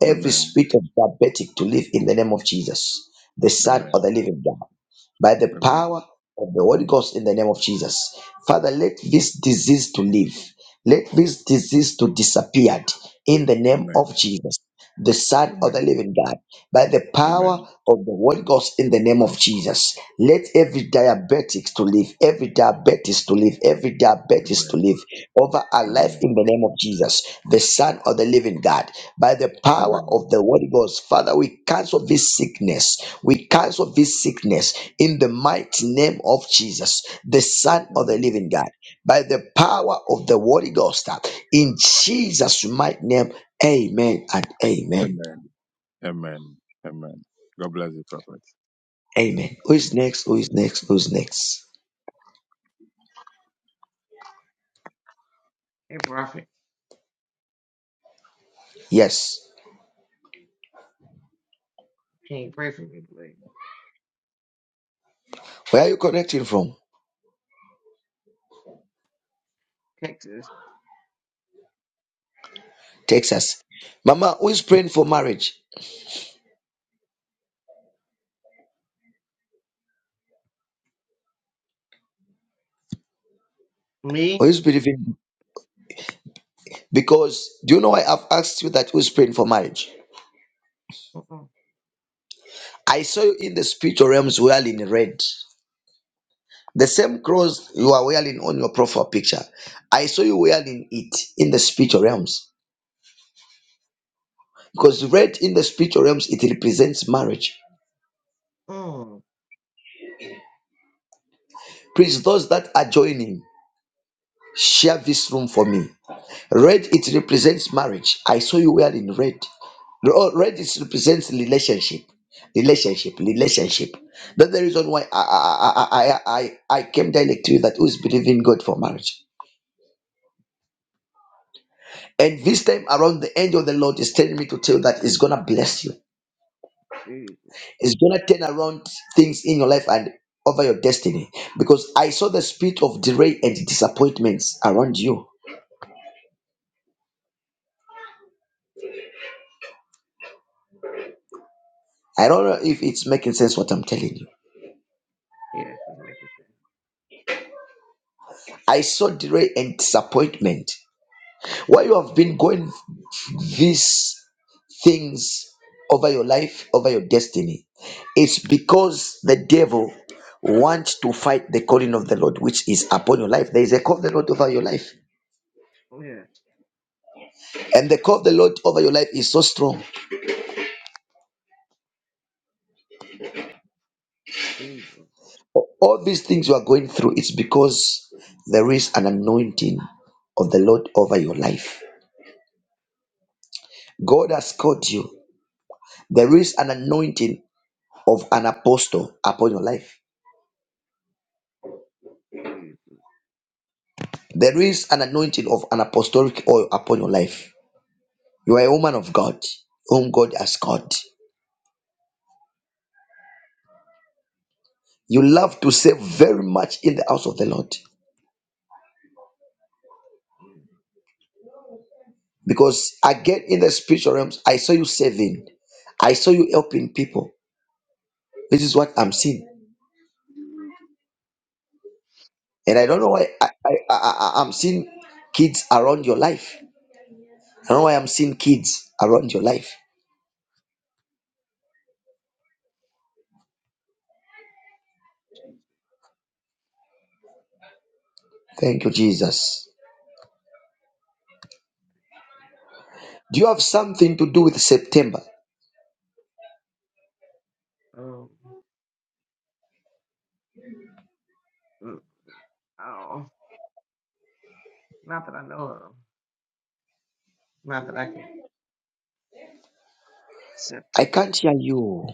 S1: Every
S13: Amen.
S1: spirit of diabetic to live in the name of Jesus, the Son of
S13: Amen.
S1: the Living God, by the
S13: Amen.
S1: power of the Holy Ghost in the name of Jesus. Father, let this disease to live. Let this disease to disappear in the name
S13: Amen.
S1: of Jesus, the Son of
S13: Amen.
S1: the Living God by the power
S13: Amen.
S1: of the word God in the name of Jesus. Let every diabetic to live, every diabetes to live, every
S13: Amen.
S1: diabetes to live over our life
S13: Amen.
S1: in the name of Jesus, the Son of the Living God. By the power
S13: Amen.
S1: of the word God, Father, we cancel this sickness. We cancel this sickness in the mighty name of Jesus, the Son of the
S13: Amen.
S1: Living God. By the power of the Holy Ghost, in Jesus' mighty name, amen and amen.
S13: Amen. Amen. Amen. God bless you, prophet.
S1: Amen. Who is next? Who is next? Who is next?
S14: Hey, prophet.
S1: Yes.
S14: Can you pray for me, please?
S1: Where are you connecting from?
S14: Texas.
S1: Texas. Mama, who is praying for marriage? Who
S14: Me?
S1: is believing? Because do you know why I've asked you that who is praying for marriage?
S14: Mm-mm.
S1: I saw you in the spiritual realms wearing red. The same clothes you are wearing on your profile picture. I saw you wearing it in the spiritual realms. Because red in the spiritual realms, it represents marriage.
S14: oh,
S1: Please, those that are joining, share this room for me. Red, it represents marriage. I saw you wearing red. No, Oh, Red is represents relationship, relationship, relationship. That's the reason why I I I I, I I came direct to you that who's believing God for marriage. And this time around, the angel of the Lord is telling me to tell you that it's gonna bless you.
S14: Jesus.
S1: It's gonna turn around things in your life and over your destiny because I saw the spirit of delay and disappointments around you. I don't know if it's making sense what I'm telling you.
S14: Yes, it's making sense.
S1: I saw delay and disappointment Why you have been going these things over your life, over your destiny, it's because the devil wants to fight the calling of the Lord, which is upon your life. There is a call of the Lord over your life,
S14: Oh, Yes,
S1: and the call of the Lord over your life is so strong.
S14: Jesus.
S1: All these things you are going through, it's because there is an anointing of the Lord over your life. God has called you. There is an anointing of an apostle upon your life.
S14: Jesus.
S1: There is an anointing of an apostolic oil upon your life. You are a woman of God, whom God has called. You love to save very much in the house of the Lord. Because again, in the spiritual realms, I saw you saving, I saw you helping people. This is what I'm seeing.
S14: Yes,
S1: And I don't
S14: Yes,
S1: know why I, I, I, I- I'm seeing kids around your life. I don't know why I'm seeing kids around your life.
S14: Jesus.
S1: Thank you, Jesus.
S14: Thank you,
S1: Do you have something to do with September?
S14: Father. Um, mm, oh, not that I know of. Not that I can.
S1: I
S14: September.
S1: can't hear you.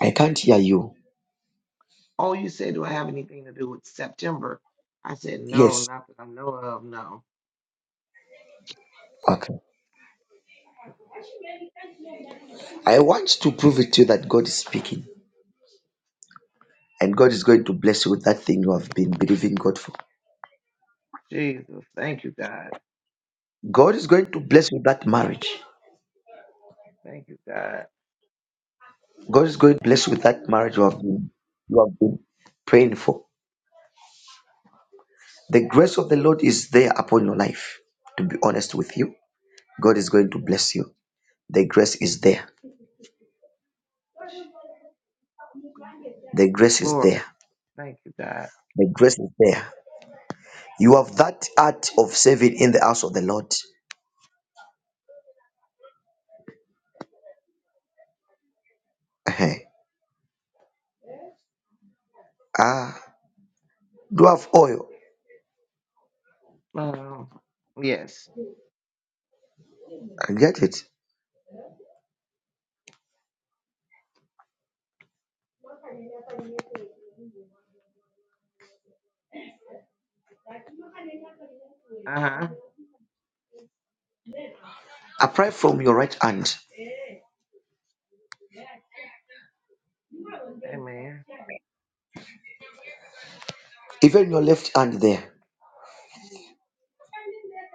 S1: I can't hear you.
S14: Oh, you said, do I have anything to do with September? I said, no,
S1: Yes.
S14: not that I know of, no.
S1: Okay. I want to prove it to you that God is speaking and God is going to bless you with that thing you have been believing God for.
S14: Jesus. Thank you, God.
S1: God is going to bless you with that marriage.
S14: Thank you, God.
S1: God is going to bless you with that marriage you have been, you have been praying for. The grace of the Lord is there upon your life. To be honest with you, God is going to bless you. The grace is there. The grace is
S14: Lord,
S1: there.
S14: thank you, God.
S1: The grace is there. You have that art of saving in the house of the Lord. Uh-huh. Ah, do you have oil?
S14: Um, yes.
S1: I get it.
S14: Uh huh.
S1: Apply from your right hand,
S14: Amen.
S1: even your left hand there.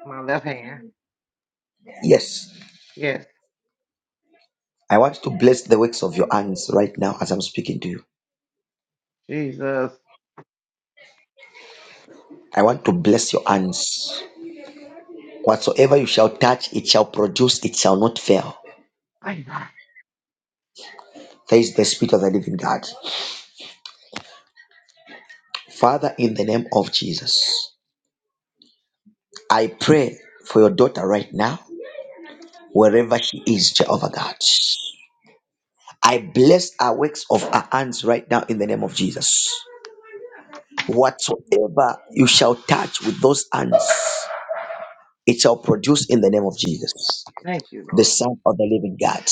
S14: My left hand.
S1: Yes.
S14: Yes.
S1: I want to bless the works of your hands right now as I'm speaking to you.
S14: Jesus.
S1: I want to bless your hands. Whatsoever you shall touch, it shall produce, it shall not fail.
S14: Thank God.
S1: There is the Spirit of the living God. Father, in the name of Jesus, I pray for your daughter right now, wherever she is, Jehovah God. I bless our works of our hands right now in the name of Jesus. Whatsoever you shall touch with those hands. It shall produce in the name of Jesus,
S14: Thank you,
S1: the
S14: Lord.
S1: Son of the living God,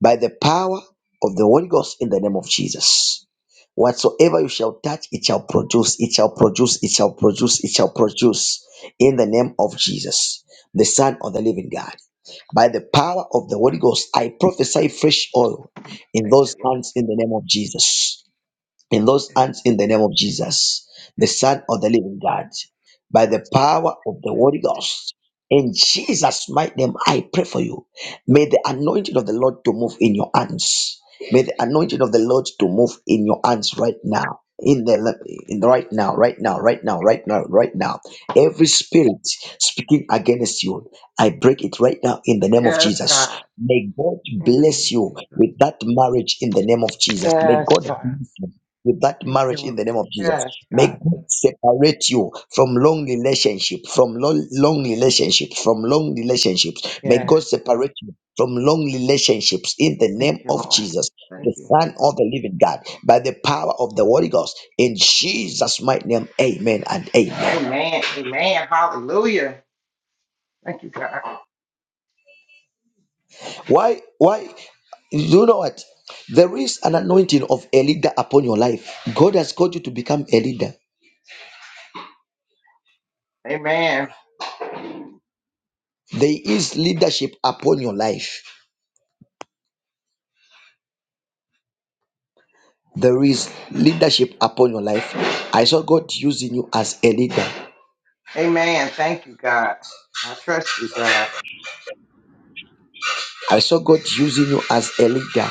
S1: by the power of the Holy Ghost in the name of Jesus. Whatsoever you shall touch, it shall produce, it shall produce, it shall produce, it shall produce in the name of Jesus, the Son of the living God. By the power of the Holy Ghost, I prophesy fresh oil in
S14: Thank
S1: those
S14: you, Lord.
S1: hands in the name of Jesus in those hands in the name of Jesus, the
S14: Yes.
S1: Son of the Living God, by the
S14: Yes. Yes, God.
S1: power of the
S14: In the
S1: Holy
S14: name-
S1: Ghost. In Jesus' mighty name, I pray for you. May the anointing of the Lord to move in your hands. May the anointing of the Lord to move in your hands right now. In the in the right now, right now, right now, right now, right now. Every spirit speaking against you, I break it right now in the name of
S14: Yes,
S1: Jesus.
S14: God.
S1: May God
S14: In the
S1: bless
S14: name of
S1: you
S14: Jesus.
S1: with that marriage in the name of Jesus. May
S14: Yes,
S1: God
S14: God.
S1: bless you with that
S14: Thank you,
S1: marriage in
S14: Lord.
S1: the name of Jesus.
S14: Yes,
S1: May
S14: God.
S1: God separate you from long relationship, from long, long relationships, from long relationships. May God
S14: Yes.
S1: separate you from long relationships in the
S14: Thank
S1: name
S14: you,
S1: of
S14: Lord.
S1: Jesus,
S14: Thank
S1: the
S14: you.
S1: Son of the Living God, by the power of the Holy Ghost. In Jesus' mighty name, amen and amen.
S14: Amen. Amen. Hallelujah. Thank you, God.
S1: Why? Why? You know what? There is an anointing of a leader upon your life. God has called you to become a leader.
S14: Amen.
S1: There is leadership upon your life There is leadership upon your life. I saw God using you as a leader.
S14: Amen. Thank you, God. I trust you, God.
S1: I saw God using you as a leader,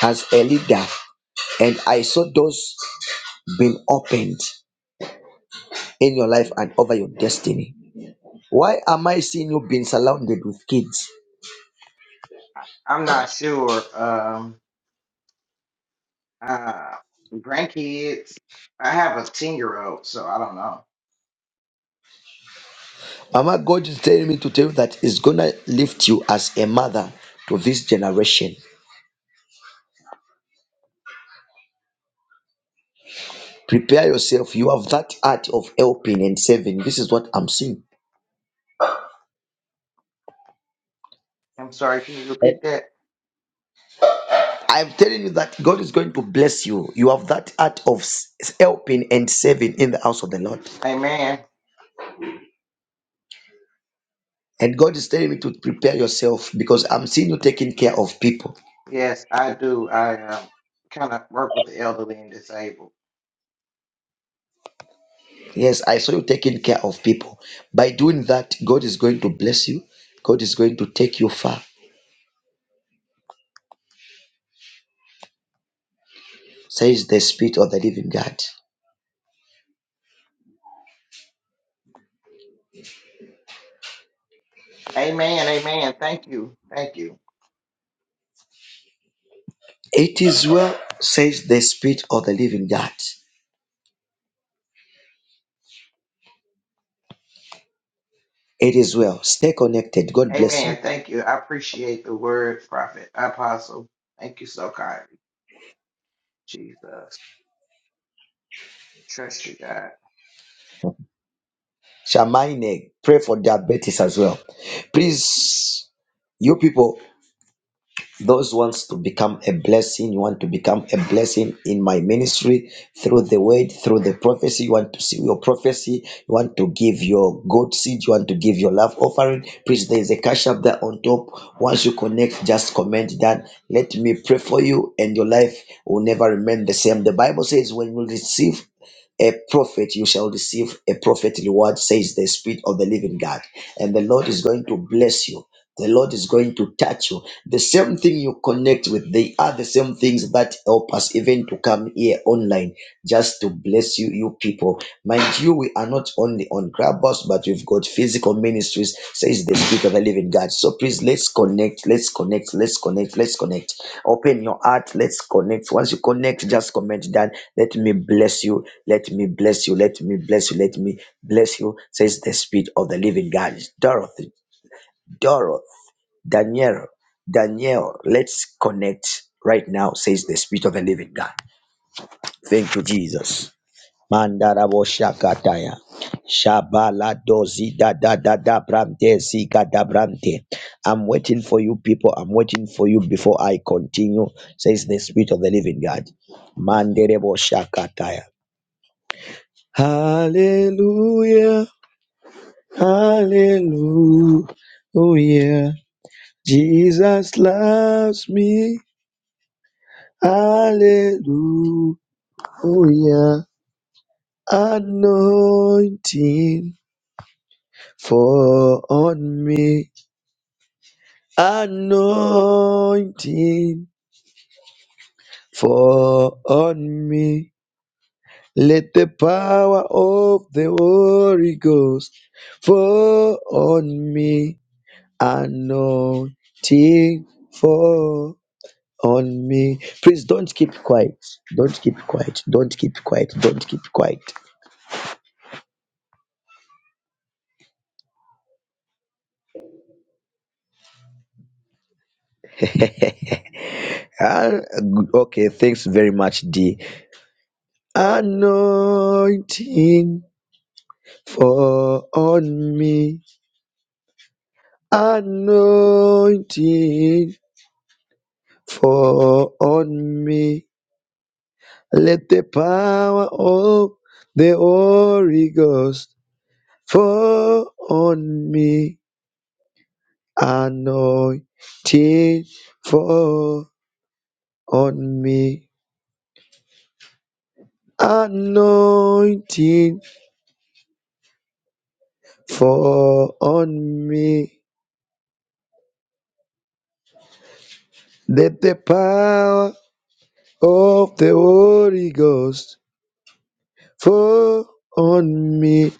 S1: as a leader. And I saw doors being opened in your life and over your destiny. Why am I seeing you being surrounded with kids?
S14: I'm not sure. Um, uh, grandkids. I have a ten year old, so I don't know.
S1: Mama, God is telling me to tell you that it's gonna lift you as a mother to this generation. Prepare yourself. You have that art of helping and saving. This is what I'm seeing.
S14: I'm sorry. Can you repeat that?
S1: I'm telling you that God is going to bless you. You have that art of s- helping and saving in the house of the Lord.
S14: Amen.
S1: And God is telling me to prepare yourself because I'm seeing you taking care of people.
S14: Yes, I do. I um, kind of work with the elderly and disabled.
S1: Yes, I saw you taking care of people. By doing that, God is going to bless you. God is going to take you far, says the Spirit of the living God.
S14: Amen. Amen. Thank you. Thank you.
S1: It is well, says the Spirit of the living God. It is well. Stay connected. God bless
S14: Amen.
S1: you.
S14: Thank you. I appreciate the word, prophet, apostle. Thank you so kindly, Jesus. Trust you, God.
S1: Shamine, pray for diabetes as well. Please, you people, those wants to become a blessing you want to become a blessing in my ministry through the word through the prophecy you want to see your prophecy you want to give your good seed you want to give your love offering please there is a cash up there on top once you connect just comment that let me pray for you and your life will never remain the same the bible says when you receive a prophet, you shall receive a prophet reward, says the Spirit of the Living God. And the Lord is going to bless you the Lord is going to touch you. The same thing you connect with, they are the same things that help us even to come here online just to bless you, you people. Mind you, we are not only on Clubhouse, but we've got physical ministries, says the Spirit of the Living God. So please, let's connect, let's connect, let's connect, let's connect. Open your heart, let's connect. Once you connect, just comment down, let me bless you, let me bless you, let me bless you, let me bless you, says the Spirit of the Living God. Dorothy. Dorothy. Daniel, Daniel, let's connect right now, says the Spirit of the Living God. Thank you, Jesus. Mandarabo shakataya. Shabala dozi da da da da brante zika da brante. I'm waiting for you, people. I'm waiting for you before I continue, says the Spirit of the Living God. Manderebo shakataya. Hallelujah, hallelujah. Oh, yeah. Jesus loves me. Hallelujah. Anointing for on me. Anointing for on me. Let the power of the Holy Ghost fall on me. Anointing fall on me. Please don't keep quiet. Don't keep quiet. Don't keep quiet. Don't keep quiet. Ah, good. okay, thanks very much, D. Anointing for on me, anointing for on me. Let the power of the Holy Ghost fall on me, anointing for on me, anointing for on me. Let the power of the Holy Ghost fall on me,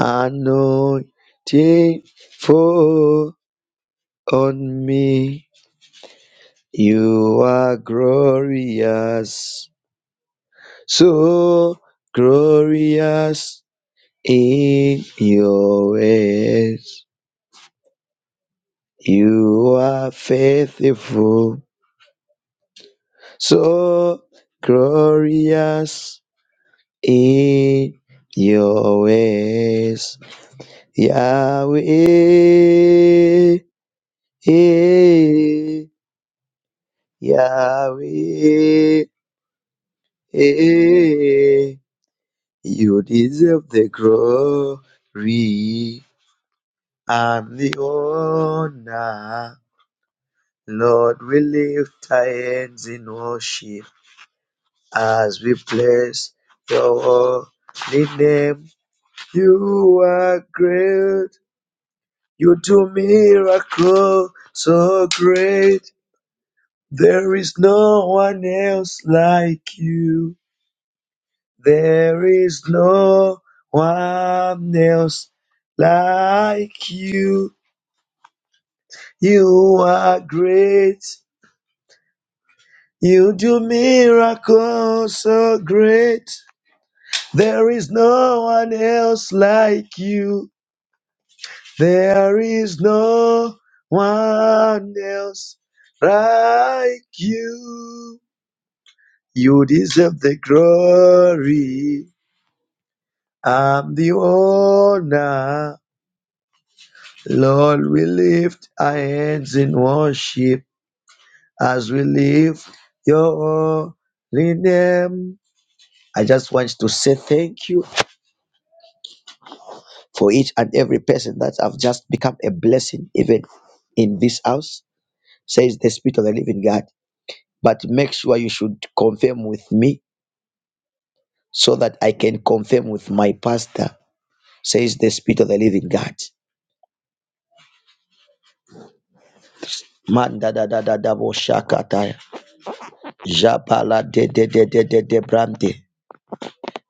S1: anointing fall on me. You are glorious, so glorious in your ways. You are faithful, so glorious in your ways. Yahweh, eh, Yahweh, eh, you deserve the glory and the honor. Lord, we lift our hands in worship as we bless your holy name. You are great. You do miracles so great. There is no one else like you. There is no one else like you. You are great. You do miracles so great. There is no one else like you. There is no one else like you. You deserve the glory. I'm the owner. Lord, we lift our hands in worship as we lift your holy name. I just want to say thank you for each and every person that have just become a blessing, even in this house, says the Spirit of the Living God. But make sure you should confirm with me so that I can confirm with my pastor, says the Spirit of the Living God. Man da da da da da bo shakataya. Jabala de de de de de de brande.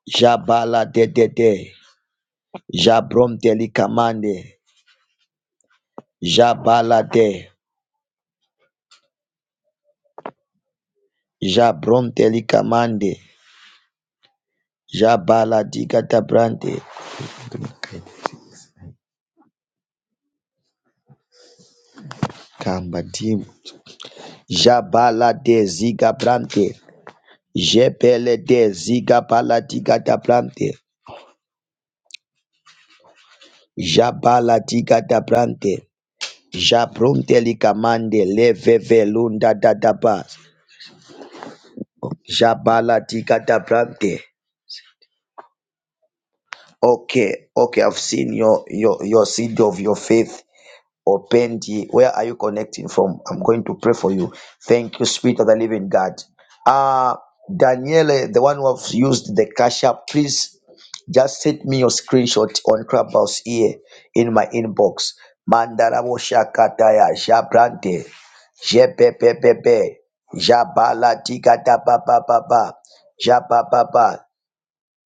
S1: Jabala de de de. Jabrom delikamande. Jabala de. Jabrom delikamande. Jabala digata brande. Kambadim. Jabala de ziga brande. Jebele de ziga bala digata brande. Jabala digata brande. Jabrom delikamande. Leve velunda dadabas. Jabala digata brande. Okay, okay, I've seen your your your seed of your faith. Opendi, where are you connecting from? I'm going to pray for you. Thank you, Spirit of the Living God. Uh Daniele, the one who have used the cash app, please just send me your screenshot on Clubhouse here in my inbox. Mandarabo shakataya jabrante jebebebebe jabala digada ba ba ba ba jababa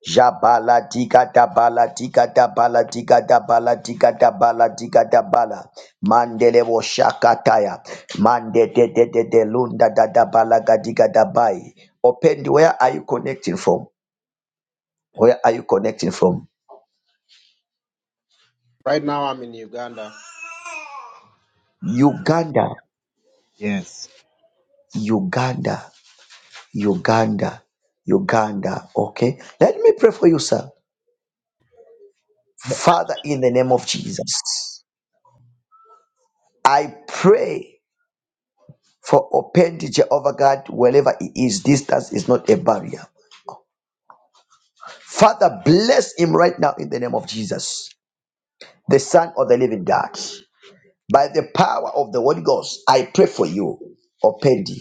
S1: Jabala tika tabala tika tabala tika tabala tika tabala tika tabala mandele wo shakataya mande te te te te lunda da da bala gadika dabai open where are you connecting from where are you connecting from
S15: Right now, I'm in Uganda.
S1: Uganda
S15: Yes.
S1: Uganda Uganda Uganda okay let me pray for you sir Father in the name of Jesus I pray for open to Jehovah God wherever it is distance is not a barrier Father, bless him right now in the name of Jesus, the Son of the Living God. By the power of the Holy Ghost, I pray for you, Opendi.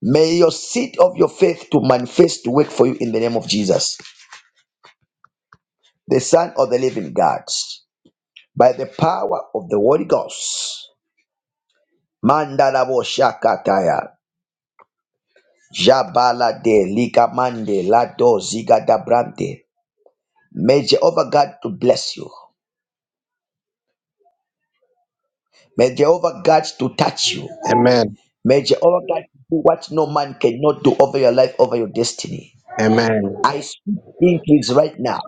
S1: May your seed of your faith to manifest to work for you in the name of Jesus, the Son of the Living God. By the power of the Holy Ghost, Mandalabo Shakataya, Jabala de Ligamande, Lado Ziga Dabrante. May Jehovah God to bless you. May Jehovah God to touch you.
S15: Amen.
S1: May Jehovah God do what no man cannot do over your life, over your destiny.
S15: Amen.
S1: I speak increase right now.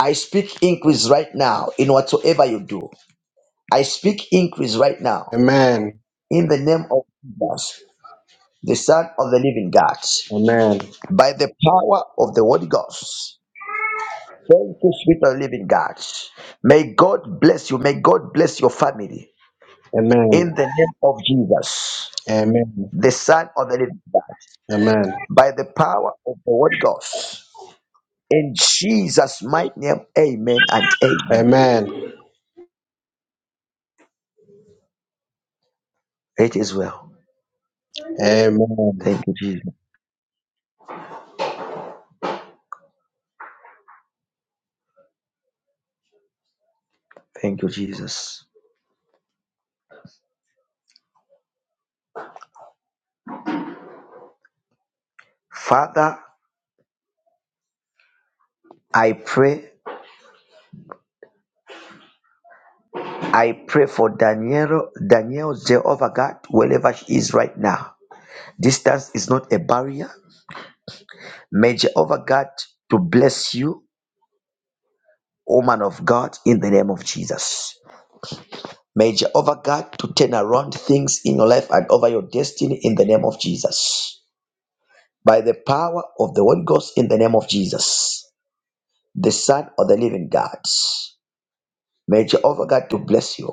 S1: I speak increase right now in whatsoever you do. I speak increase right now
S15: Amen.
S1: in the name of Jesus, the Son of the Living God,
S15: Amen.
S1: by the power of the Holy Ghost. Thank you, sweet and living God. May God bless you. May God bless your family
S15: Amen.
S1: in the name of Jesus,
S15: Amen.
S1: the Son of the Living God,
S15: Amen.
S1: by the power of the Holy Ghost. In Jesus' mighty name, amen and amen.
S15: Amen.
S1: It is well.
S15: Amen.
S1: Thank you, Jesus. Thank you, Jesus. Father, I pray. I pray for Daniel, Daniel, Jehovah God, wherever she is right now. Distance is not a barrier. May Jehovah God to bless you, woman of God, in the name of Jesus. May Jehovah God to turn around things in your life and over your destiny in the name of Jesus. By the power of the Holy Ghost in the name of Jesus. the Son of the Living God. May Jehovah God to bless you.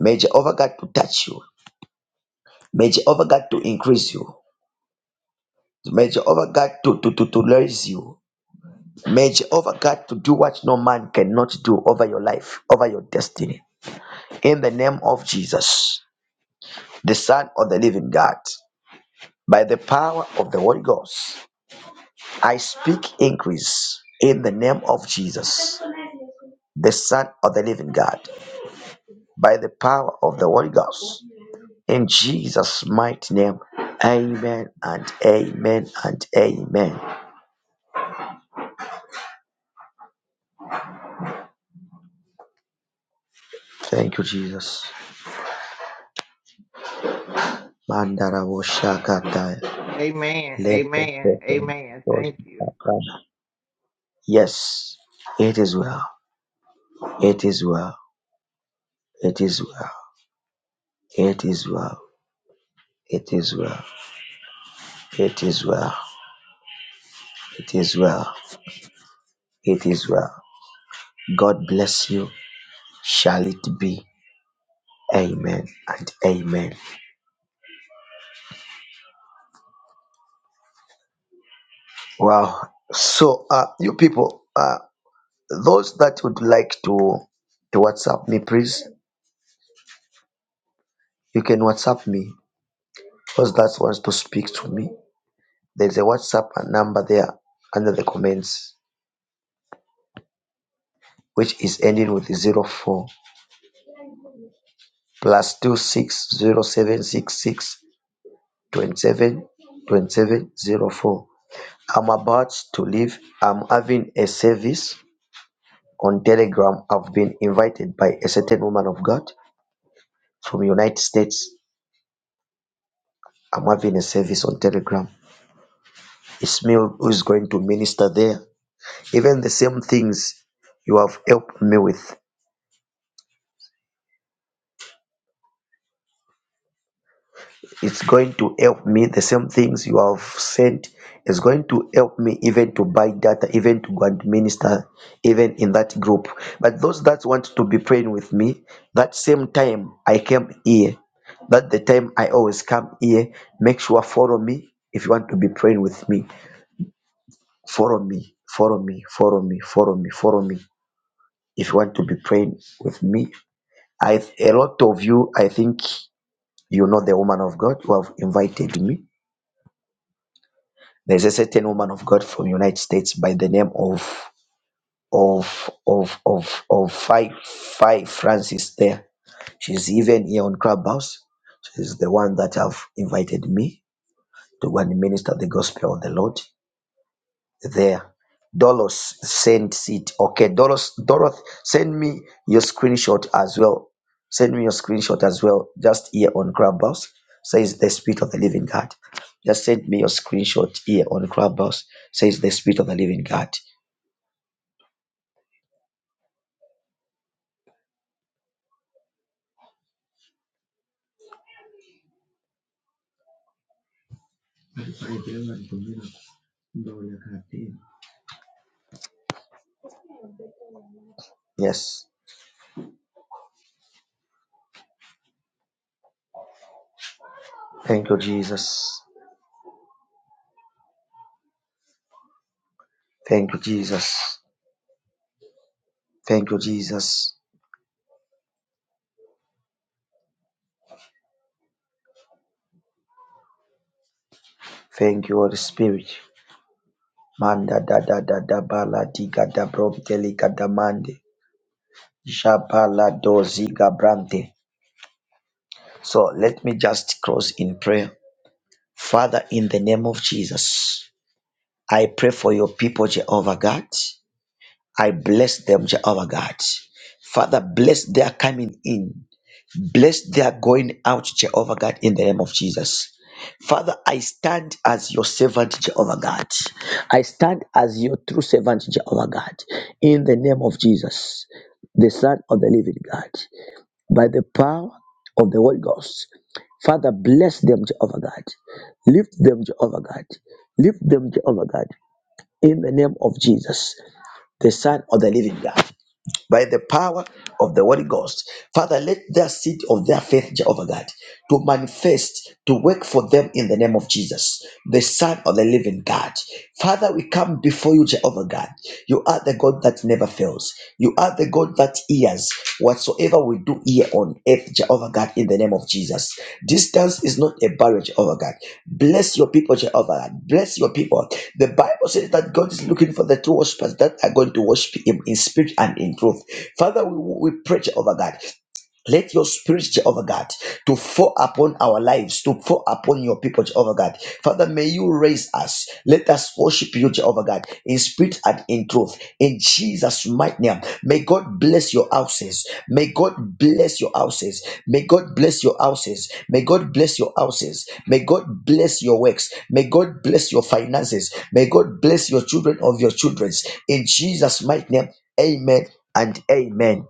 S1: May Jehovah God to touch you. May Jehovah God to increase you. May Jehovah God to, to, to, to raise you. May Jehovah God to do what no man cannot do over your life, over your destiny. In the name of Jesus, the Son of the Living God, by the power of the Holy Ghost, I speak increase. In the name of Jesus, the Son of the Living God, by the power of the Holy Ghost. In Jesus' mighty name, amen and amen and amen. Thank you, Jesus. Mandara wo shakataya.
S14: Amen.
S1: Lepe
S14: Amen.
S1: pepe
S14: Amen.
S1: dos
S14: Thank you.
S1: akana. Yes, it is well. It is well. It is well. It is well. It is well. It is well. It is well. It is well. God bless you. Shall it be? Amen and amen. Wow. So, uh, you people. uh, Those that would like to to WhatsApp me, please, you can WhatsApp me. Those that wants to speak to me, there's a WhatsApp number there under the comments, which is ending with zero four plus two six zero seven six i I'm about to leave. I'm having a service on Telegram. I've been invited by a certain woman of God from United States. I'm having a service on Telegram. Ishmael who is going to minister there. Even the same things you have helped me with, it's going to help me. The same things you have sent is going to help me even to buy data, even to go and minister, even in that group. But those that want to be praying with me, that same time I came here, that the time I always come here, make sure follow me. If you want to be praying with me, follow me, follow me, follow me, follow me, follow me. If you want to be praying with me, I a lot of you, I think you know the woman of God who have invited me. There's a certain woman of God from United States by the name of of of of of Five Five Francis. There, she's even here on Clubhouse. She's the one that have invited me to go and minister the gospel of the Lord. there. Dolos sent it. Okay, Dolos, Doroth, send me your screenshot as well. Send me your screenshot as well. Just here on Clubhouse says the Spirit of the Living God. Just send me your screenshot here on Clubhouse says the Spirit of the Living God. Yes. Thank you, Jesus. Thank you, Jesus. Thank you, Jesus. Thank you, Holy Spirit. Manda da da da da bala diga da brom teliga da mande. Shapaladozigabrante. So let me just close in prayer. Father, in the name of Jesus, I pray for your people, Jehovah God. I bless them, Jehovah God. Father, bless their coming in. Bless their going out, Jehovah God, in the name of Jesus. Father, I stand as your servant, Jehovah God. I stand as your true servant, Jehovah God, in the name of Jesus, the Son of the living God. by the power of the Holy Ghost. Father, bless them, Jehovah God. Lift them, Jehovah God. Lift them, Jehovah God. In the name of Jesus, the Son of the Living God by the power of the Holy Ghost. Father, let their seed of their faith, Jehovah God, to manifest, to work for them in the name of Jesus, the Son of the living God. Father, we come before you, Jehovah God. You are the God that never fails. You are the God that hears whatsoever we do here on earth, Jehovah God, in the name of Jesus. Distance is not a barrier, Jehovah God. Bless your people, Jehovah God. Bless your people. The Bible says that God is looking for the true worshipers that are going to worship Him in spirit and in truth. Father, we, we preach over that. Let your spirit, Jehovah God, to fall upon our lives, to fall upon your people, Jehovah God. Father, may you raise us. Let us worship you, Jehovah God, in spirit and in truth. In Jesus' mighty name. May God bless your houses. May God bless your houses. May God bless your houses. May God bless your houses. May God bless your works. May God bless your finances. May God bless your children of your children's. In Jesus' mighty name. Amen and amen.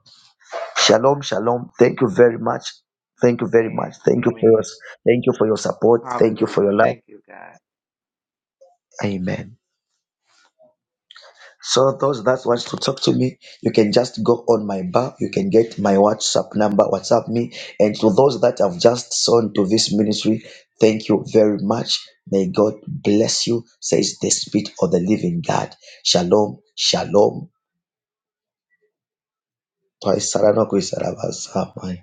S1: Shalom, shalom. Thank you very much. Thank you very
S14: Amen.
S1: much. Thank you for your
S14: Amen.
S1: thank you for your support. Thank you for
S14: Hallelujah.
S1: your love.
S14: Thank you, God.
S1: Amen. So those that wants to talk to me, you can just go on my bar. You can get my WhatsApp number, WhatsApp me. And to those that have just sown to this ministry, thank you very much. May God bless you, says the Spirit of the Living God. Shalom, shalom. Twice, Sarano, Kwisarabasa.